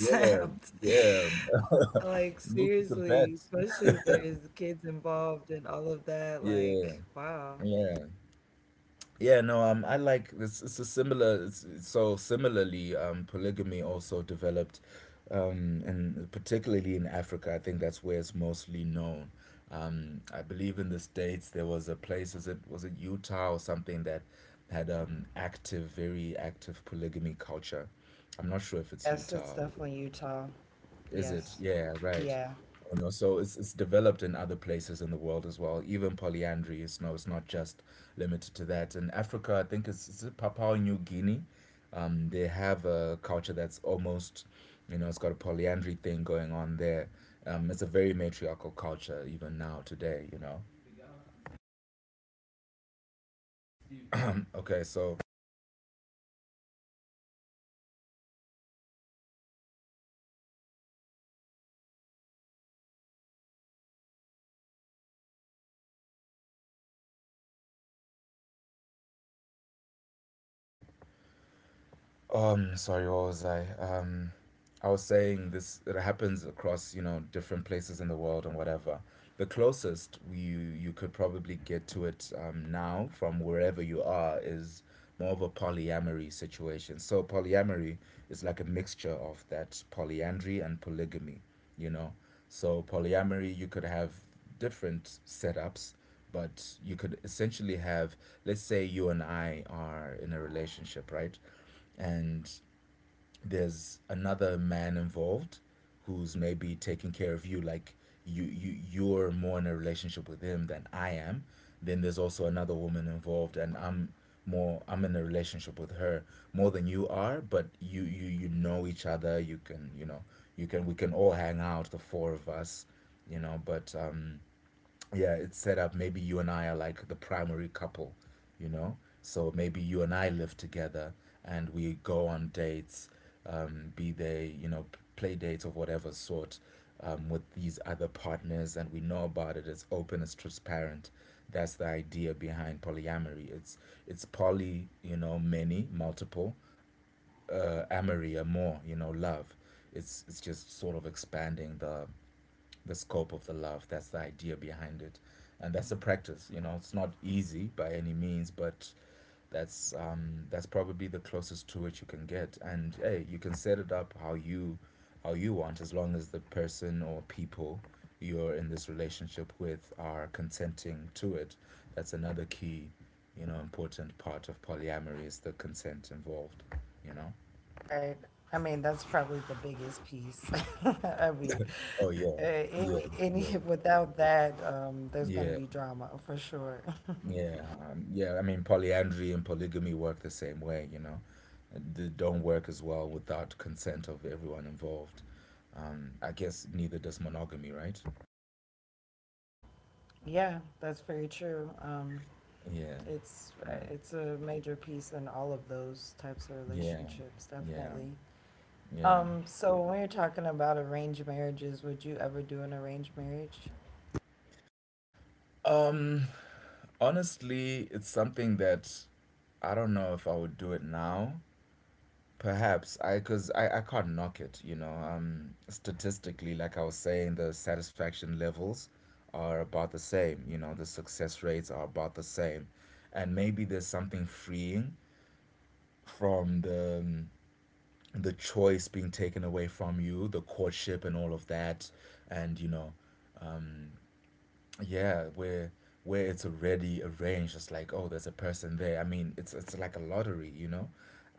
S2: Yeah, yeah.
S1: Like
S2: Move to Tibet.
S1: seriously, especially if there's kids involved and all of that,
S2: Yeah,
S1: like wow.
S2: yeah, yeah. No, I like it's a similar. It's so similarly, polygamy also developed, and particularly in Africa, I think that's where it's mostly known. I believe in the States there was a place, is it was it Utah or something that had active, very active polygamy culture. I'm not sure if it's
S1: Yes, it's
S2: Utah.
S1: definitely Utah.
S2: Is it?
S1: Yes.
S2: Yeah, right.
S1: Yeah.
S2: You know, so it's developed in other places in the world as well. Even polyandry is no, it's not just limited to that. In Africa, I think it's Papua New Guinea. They have a culture that's almost, you know, it's got a polyandry thing going on there. It's a very matriarchal culture even now today, you know. Okay, so sorry, what was I? I was saying this. It happens across different places in the world and whatever. The closest you could probably get to it now from wherever you are is more of a polyamory situation. So polyamory is like a mixture of that polyandry and polygamy. You know, so polyamory you could have different setups but you could essentially have let's say you and I are in a relationship, right? And there's another man involved who's maybe taking care of you like you're more in a relationship with him than I am. Then there's also another woman involved and I'm in a relationship with her more than you are, but you know each other. You can, you know, you can we can all hang out, the four of us, you know. But, yeah, it's set up. Maybe you and I are like the primary couple, you know? So maybe you and I live together and we go on dates, be they, you know, play dates of whatever sort, with these other partners, and we know about it. It's open, it's transparent. That's the idea behind polyamory. It's poly, you know, many, multiple, amory, or more, you know, love. It's just sort of expanding the scope of the love. That's the idea behind it, and that's the practice. You know, it's not easy by any means, but that's probably the closest to it you can get. And hey, you can set it up how you want, as long as the person or people you're in this relationship with are consenting to it. That's another key, you know, important part of polyamory is the consent involved. You know.
S1: Right. I mean, that's probably the biggest piece. I mean,
S2: Oh yeah, yeah,
S1: any
S2: yeah,
S1: without that, there's going to
S2: yeah.
S1: be drama for sure.
S2: Yeah, yeah. I mean, polyandry and polygamy work the same way, you know. They don't work as well without consent of everyone involved. I guess neither does monogamy, right?
S1: Yeah, that's very true.
S2: Yeah, yeah,
S1: It's a major piece in all of those types of
S2: yeah,
S1: relationships,
S2: yeah,
S1: definitely.
S2: yeah.
S1: So when you're talking about arranged marriages, would you ever do an arranged marriage?
S2: Um, honestly, it's something that I don't know if I would do it now. Perhaps, because I can't knock it, you know. Statistically, like I was saying, the satisfaction levels are about the same, you know, the success rates are about the same. And maybe there's something freeing from the choice being taken away from you, the courtship and all of that, and you know, yeah, where it's already arranged, it's like oh there's a person there. I mean it's like a lottery, you know.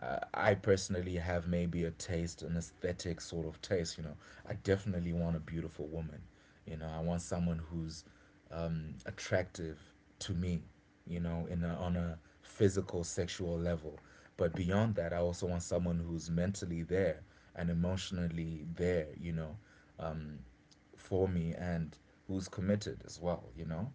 S2: I personally have maybe a taste, an aesthetic sort of taste, you know. I definitely want a beautiful woman, you know. I want someone who's attractive to me, you know, on a physical sexual level. But beyond that, I also want someone who's mentally there and emotionally there, you know, um for me, and who's committed as well, you know?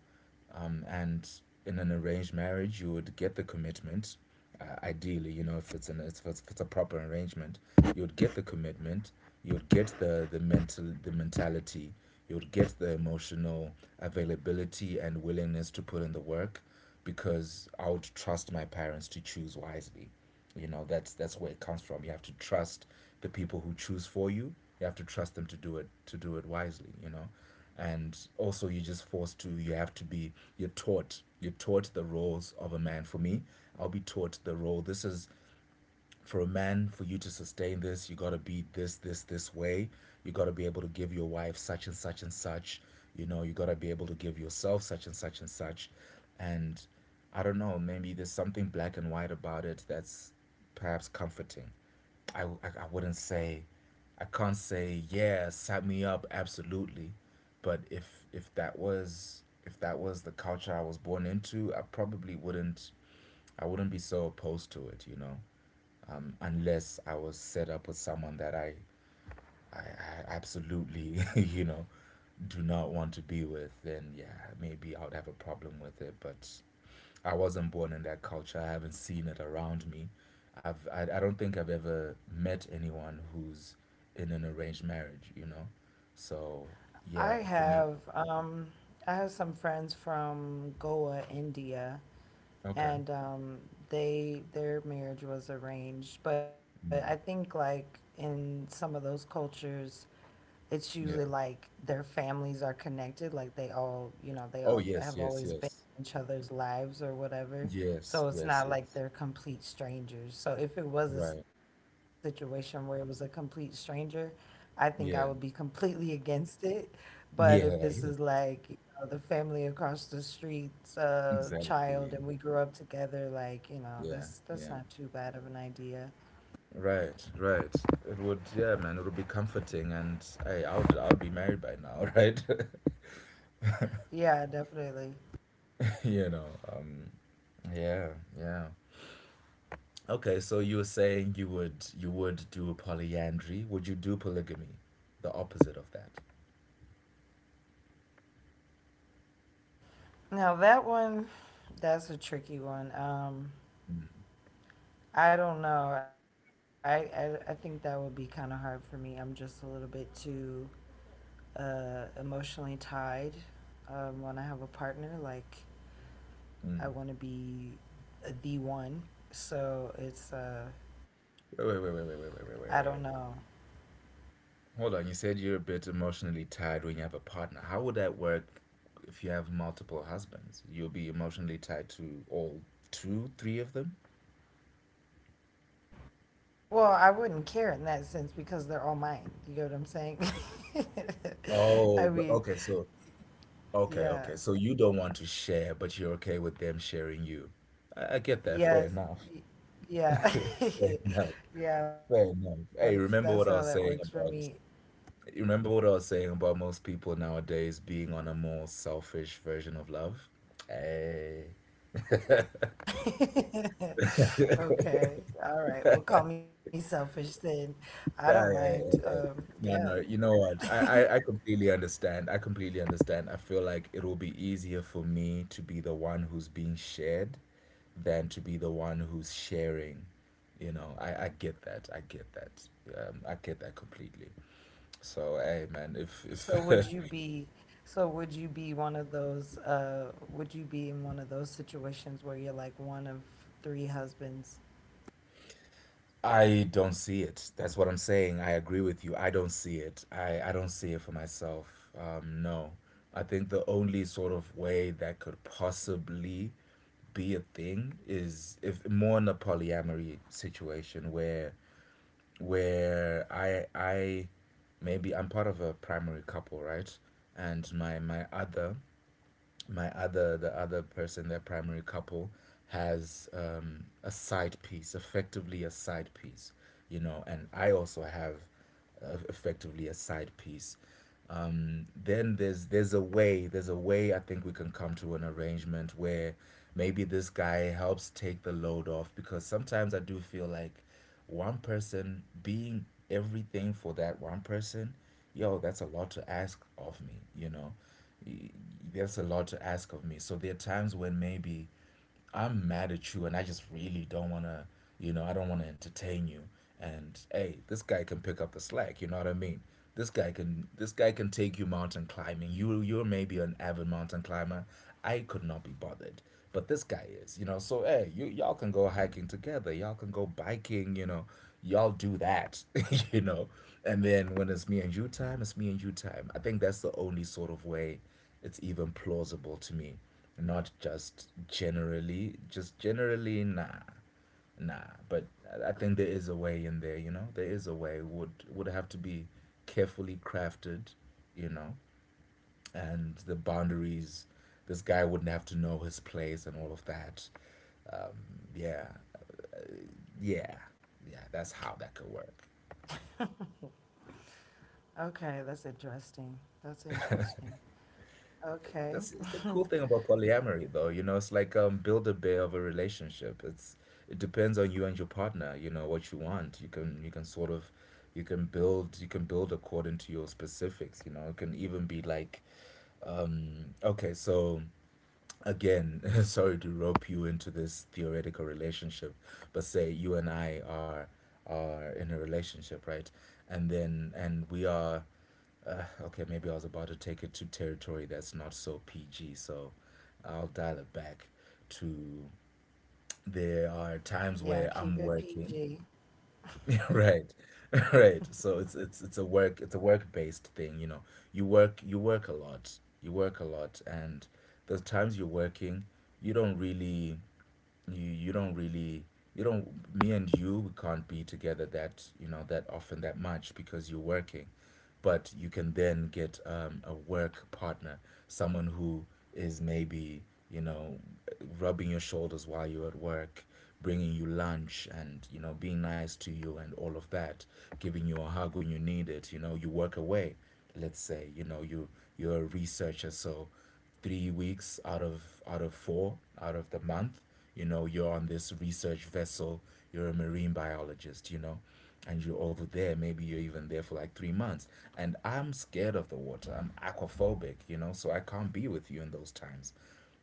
S2: And in an arranged marriage, you would get the commitment. Ideally, you know, if it's an if it's a proper arrangement, you would get the commitment, you would get the mental the mentality, you would get the emotional availability and willingness to put in the work, because I would trust my parents to choose wisely. You know, that's where it comes from. You have to trust the people who choose for you. You have to trust them to do it wisely, you know. And also you're just forced to you have to be you're taught. You're taught the roles of a man. For me, I'll be taught the role. This is for a man, for you to sustain this, you got to be this, this, this way. You got to be able to give your wife such and such and such. You know, you got to be able to give yourself such and such and such. And I don't know, maybe there's something black and white about it that's perhaps comforting. I, I, I wouldn't say, I can't say, yeah, sign me up, absolutely. But if that was the culture I was born into, I wouldn't be so opposed to it, you know, unless I was set up with someone that I absolutely, you know, do not want to be with, then yeah, maybe I would have a problem with it. But I wasn't born in that culture. I haven't seen it around me. I don't think I've ever met anyone who's in an arranged marriage, you know? So
S1: I
S2: yeah, for me,
S1: have, um, I have some friends from Goa, India,
S2: okay.
S1: and they their marriage was arranged. But I think
S2: Mm,
S1: like in some of those cultures, it's usually
S2: yeah.
S1: like their families are connected, like they all, you know, they
S2: Oh
S1: all have
S2: yes, yes,
S1: always been
S2: yes.
S1: in each other's lives or whatever, so
S2: Yes,
S1: it's
S2: yes,
S1: not like
S2: yes.
S1: they're complete strangers. So if it was a
S2: Right.
S1: situation where it was a complete stranger, I think I would be
S2: Yeah.
S1: completely against it. But if this is
S2: Yeah, yeah.
S1: like you know, the family across the street's child
S2: Exactly.
S1: and we grew up together, like, you know,
S2: Yeah,
S1: that's
S2: yeah.
S1: not too bad of an idea.
S2: Right, right. It would, yeah, man. It would be comforting, and hey, I'll be married by now, right?
S1: Yeah, definitely.
S2: you know. Um. Yeah, yeah. Okay, so you were saying you would do polyandry. Would you do polygamy? The opposite of that.
S1: Now that one, that's a tricky one.
S2: Mm.
S1: I don't know. I think that would be kind of hard for me. I'm just a little bit too emotionally tied. When I have a partner, like
S2: Mm.
S1: I want to be the one. So it's
S2: Wait, wait, wait, wait, wait, wait, wait, wait, wait,
S1: I don't
S2: wait, wait.
S1: know.
S2: Hold on. You said you're a bit emotionally tied when you have a partner. How would that work if you have multiple husbands? You'll be emotionally tied to all two, three of them.
S1: Well, I wouldn't care in that sense because they're all mine. You know what I'm saying? I
S2: Oh, but
S1: mean,
S2: okay, so okay,
S1: yeah.
S2: okay. So you don't want to share, but you're okay with them sharing you. I get that. Fair
S1: Yes.
S2: enough.
S1: y- Yeah.
S2: Fair enough.
S1: Yeah,
S2: Fair
S1: that's
S2: enough.
S1: how that
S2: Hey,
S1: works for
S2: remember what I
S1: me.
S2: was saying about you remember what I was saying about most people nowadays being on a more selfish version of love? Hey.
S1: Okay. All right. Well, call me selfish then. I don't
S2: Hey,
S1: mind.
S2: hey, hey, hey.
S1: Yeah.
S2: No, no, you know what? I completely understand. I completely understand. I feel like it will be easier for me to be the one who's being shared than to be the one who's sharing. You know, I get that. I get that. I get that completely. So, hey, man, if
S1: So would
S2: if
S1: you be, one of those would you be in one of those situations where you're like one of three husbands?
S2: I don't see it. That's what I'm saying. I agree with you. I don't see it. I don't see it for myself. No. I think the only sort of way that could possibly be a thing is if more in a polyamory situation where I maybe I'm part of a primary couple, right? And my other the other person, their primary couple, has a side piece, effectively a side piece, you know, and I also have effectively a side piece. Then there's a way I think we can come to an arrangement where maybe this guy helps take the load off, because sometimes I do feel like one person being everything for that one person, yo, that's a lot to ask of me, you know. There's a lot to ask of me. So there are times when maybe I'm mad at you and I just really don't want to, you know, I don't want to entertain you. And hey, this guy can pick up the slack, you know what I mean? This guy can take you mountain climbing. You you're maybe an avid mountain climber. I could not be bothered. But this guy is, you know. So hey, you y'all can go hiking together. Y'all can go biking, you know. Y'all do that, you know. And then when it's me and you time, it's me and you time. I think that's the only sort of way it's even plausible to me. Not just generally, just generally, nah, nah. But I think there is a way in there, you know. There is a way. Would have to be carefully crafted, you know, and the boundaries. This guy wouldn't have to know his place and all of that. Um, yeah, yeah, yeah. That's how that could work.
S1: Okay, that's interesting. That's interesting.
S2: That's
S1: Okay.
S2: the cool thing about polyamory, though. You know, it's like build a bear of a relationship. It depends on you and your partner. You know what you want. You can sort of, you can build according to your specifics. You know, it can even be like, okay, so again, sorry to rope you into this theoretical relationship, but say you and I are in a relationship, right? And we are okay, maybe I was about to take it to territory that's not so PG, so I'll dial it back to there are times where I'm
S1: Yeah,
S2: working.
S1: keep it PG.
S2: Right. Right. So it's a work-based thing, you know. You work a lot. You work a lot and the times you're working, you don't really you don't really you don't me and you we can't be together that, you know, that often that much because you're working, but you can then get a work partner, someone who is maybe, you know, rubbing your shoulders while you're at work, bringing you lunch and, you know, being nice to you and all of that, giving you a hug when you need it. You know, you work away, let's say, you're a researcher, so 3 weeks out of four out of the month, you know, you're on this research vessel, you're a marine biologist, you know, and you're over there, maybe you're even there for like 3 months, and I'm scared of the water, I'm aquaphobic, you know, so I can't be with you in those times.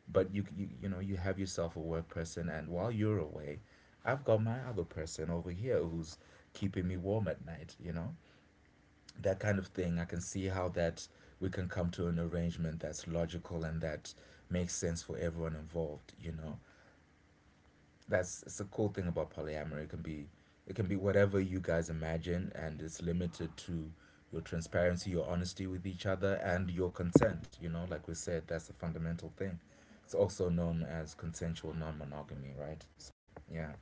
S2: But you know, you have yourself a work person, and while you're away, I've got my other person over here who's keeping me warm at night, you know. That kind of thing, I can see how that we can come to an arrangement that's logical and that makes sense for everyone involved, you know. That's it's a cool thing about polyamory. It can be whatever you guys imagine, and it's limited to your transparency, your honesty with each other, and your consent. You know, like we said, that's a fundamental thing. It's also known as consensual non-monogamy, right? So yeah.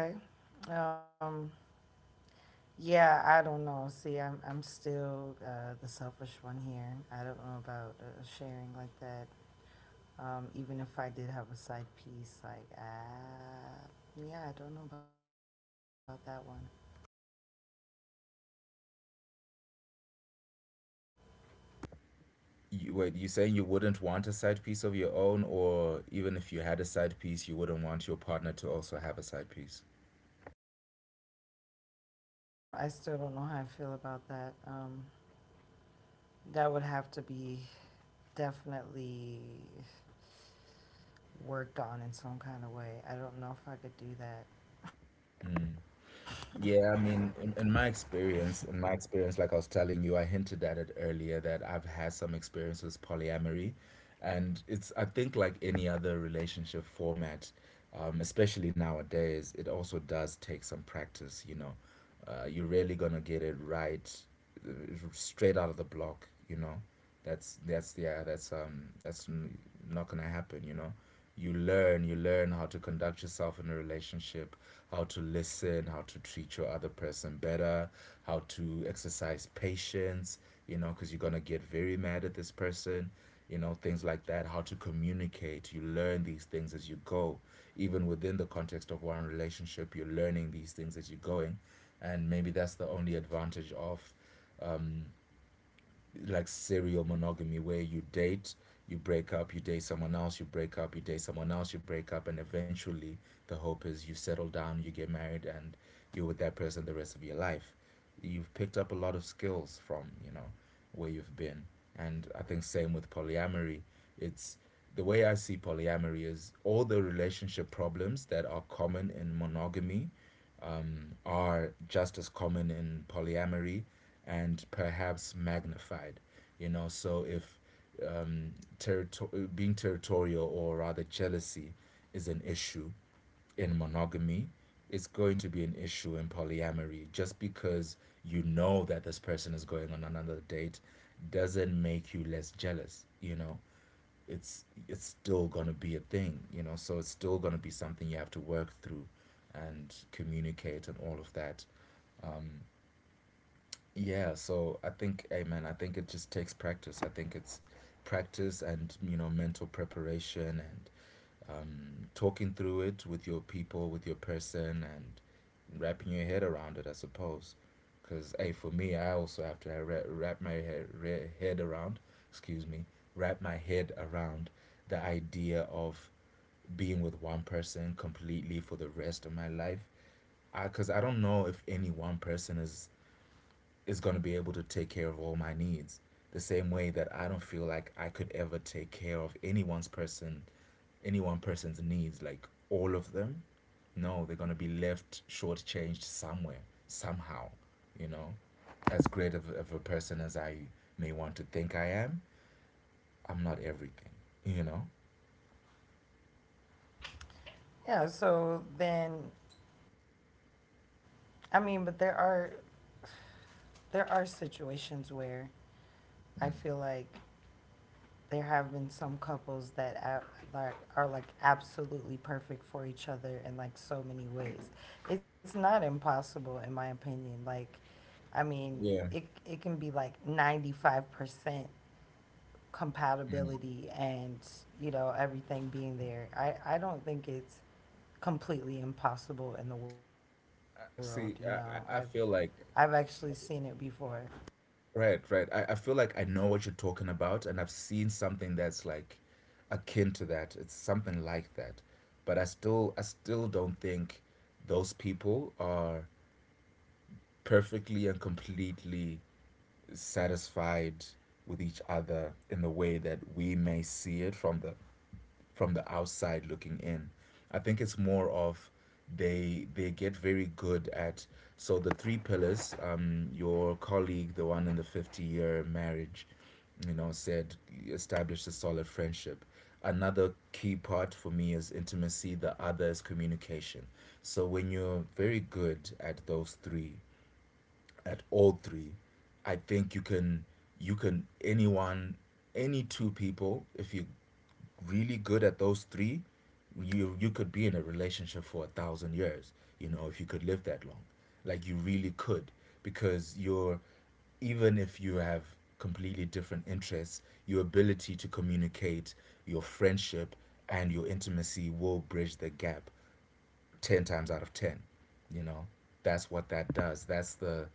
S1: Okay. Um, Yeah, I don't know. See, I'm still the selfish one here. I don't know about sharing like that. Even if I did have a side piece, like ah, yeah, I don't know about that one.
S2: You, wait, you saying you wouldn't want a side piece of your own, or even if you had a side piece, you wouldn't want your partner to also have a side piece?
S1: Yeah, I don't. I still don't know how I feel about that. That would have to be definitely worked on in some kind of way. I don't know if I could do that.
S2: Yeah, I mean, in my experience, like I was telling you, I hinted at it earlier that I've had some experience with polyamory, and it's I think like any other relationship format, especially nowadays, it also does take some practice. You know, you're really gonna get it right uh, straight out of the block. You know, that's yeah that's n- not gonna happen. You know, you learn how to conduct yourself in a relationship, how to listen, how to treat your other person better, how to exercise patience. You know, because you're gonna get very mad at this person. You know, things like that. How to communicate. You learn these things as you go. Even within the context of one relationship, you're learning these things as you're going, and maybe that's the only advantage of um, like serial monogamy where you date, you break up, you date someone else, you break up, you date someone else, you break up, and eventually the hope is you settle down, you get married, and you're with that person the rest of your life. You've picked up a lot of skills from, you know, where you've been. And I think same with polyamory. It's the way I see polyamory is all the relationship problems that are common in monogamy are just as common in polyamory and perhaps magnified. You know, so if being territorial, or rather jealousy, is an issue in monogamy, it's going to be an issue in polyamory. Just because you know that this person is going on another date doesn't make you less jealous, you know? It's still going to be a thing, you know, so it's still going to be something you have to work through and communicate and all of that. um, yeah, so I think, amen, I think it just takes practice. I think it's practice and, you know, mental preparation and talking through it with your people, with your person, and wrapping your head around it, I suppose. Because, hey, for me, I also have wrap my head around, excuse me, wrap my head around the idea of being with one person completely for the rest of my life. Because I don't know if any one person is going to be able to take care of all my needs. The same way that I don't feel like I could ever take care of any one person's needs, like all of them. No, they're going to be left shortchanged somewhere, somehow, you know. As great of a person as I may want to think I am, I'm not everything, you know.
S1: Yeah. So then, I mean, but there are situations where I
S2: Mm.
S1: feel like there have been some couples that are like absolutely perfect for each other in like so many ways. It's not impossible, in my opinion. Like, I mean,
S2: Yeah.
S1: it can be like 95%
S2: Mm.
S1: compatibility and you know everything being there. I don't think it's completely impossible in the
S2: Uh,
S1: world. You
S2: See, I,
S1: know,
S2: I I feel like,
S1: I've actually seen it before.
S2: right, right. I feel like I know what you're talking about, and I've seen something that's like akin to that. It's something like that. But I still don't think those people are perfectly and completely satisfied with each other in the way that we may see it from the outside looking in. I think it's more of they get very good at. So the three pillars, your colleague, the one in the 50-year marriage, you know, said establish a solid friendship, another key part for me is intimacy, the other is communication. So when you're very good at those three, at all three, I think you can you can anyone any two people, if you're really good at those three, you could be in a relationship for a thousand years. You know, if you could live that long, like you really could, because you're, even if you have completely different interests, your ability to communicate, your friendship, and your intimacy will bridge the gap 10 times out of 10. You know, that's what that does. That's the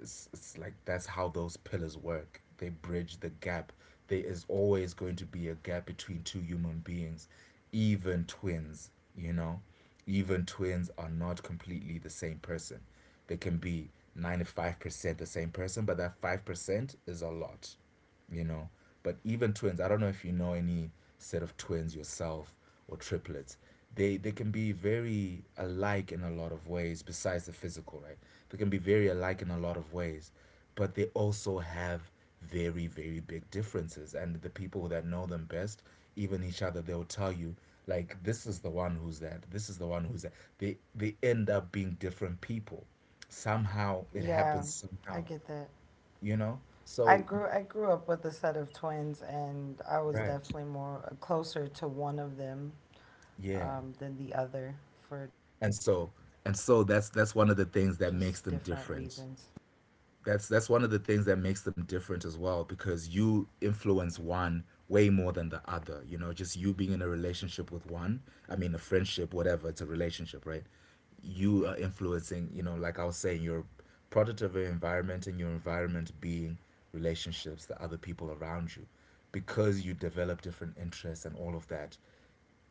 S2: it's like that's how those pillars work. They bridge the gap. There is always going to be a gap between two human beings, even twins, you know? Even twins are not completely the same person. They can be 95% the same person, but that 5% is a lot, you know. But even twins, I don't know if you know any set of twins yourself or triplets. They can be very alike in a lot of ways besides the physical, right? They can be very alike in a lot of ways, but they also have very big differences, and the people that know them best, even each other, they'll tell you, like, this is the one who's that, this is the one who's that. They end up being different people. Somehow it
S1: Yeah,
S2: happens,
S1: I
S2: somehow,
S1: get that.
S2: you know?
S1: I
S2: So
S1: grew I grew up with a set of twins, and I was
S2: right.
S1: definitely more closer to one of them
S2: Yeah.
S1: than the other for
S2: And
S1: just
S2: so
S1: different
S2: and so
S1: reasons.
S2: that's one of the things that makes them different. That's one of the things that makes them different as well, because you influence one way more than the other. You know, just you being in a relationship with one, I mean a friendship, whatever, it's a relationship, right? You are influencing, you know, like I was saying, you're product of your environment, and your environment being relationships, the other people around you. Because you develop different interests and all of that,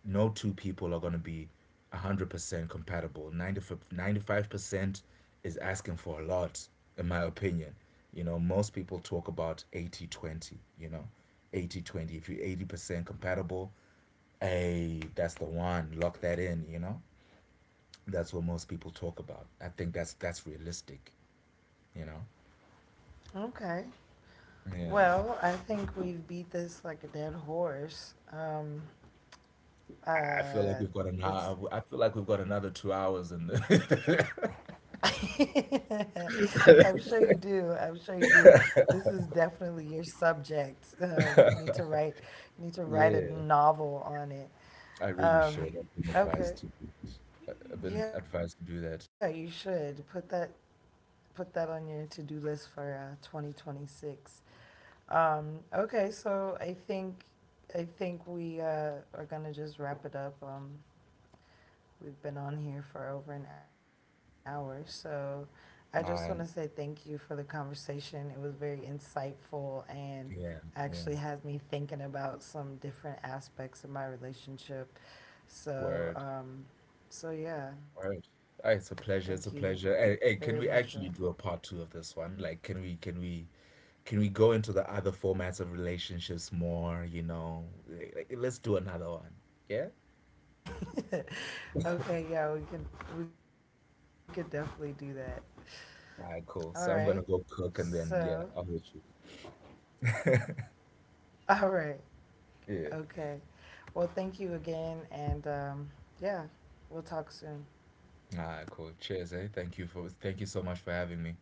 S2: no two people are going to be 100% compatible. 90, 95% is asking for a lot, in my opinion. You know, most people talk about 80-20. You know, 80-20. If you're 80% compatible, hey, that's the one, lock that in, you know? That's what most people talk about. I think that's realistic, you know?
S1: Okay,
S2: Yeah.
S1: well, I think we've beat this like a dead horse.
S2: I feel like
S1: Uh,
S2: we've got an hour.
S1: it's.
S2: I feel like we've got another 2 hours in the.
S1: I'm sure you do. I'm sure you do. This is definitely your subject. You need to write. You need to write a novel on it.
S2: I really
S1: Um,
S2: should. I've been
S1: okay.
S2: advised to do it. I've
S1: Yeah,
S2: been
S1: you
S2: advised to
S1: should
S2: do that.
S1: put that on your to-do list for 2026. Okay, so I think we are gonna just wrap it up. We've been on here for over an hour, so I just want to say thank you
S2: And
S1: for the conversation. It was very insightful and
S2: yeah,
S1: actually has
S2: yeah.
S1: me thinking about some different aspects of my relationship. So
S2: Word,
S1: um, so yeah,
S2: word.
S1: thank you
S2: Ah, it's a pleasure. It's a
S1: very much
S2: pleasure.
S1: for that.
S2: Hey, hey, can we actually do a part two of this one? Like, can we go into the other formats of relationships more? You know, like, let's do another one. Yeah.
S1: Okay, yeah, we could definitely do that. All right.
S2: All right, cool. So I'm gonna go
S1: So,
S2: cook, and then yeah, I'll hit you.
S1: all right. Okay.
S2: Yeah.
S1: Well, thank you again and yeah, we'll talk soon.
S2: All right, cool. Cheers, eh? Thank you so much for having me.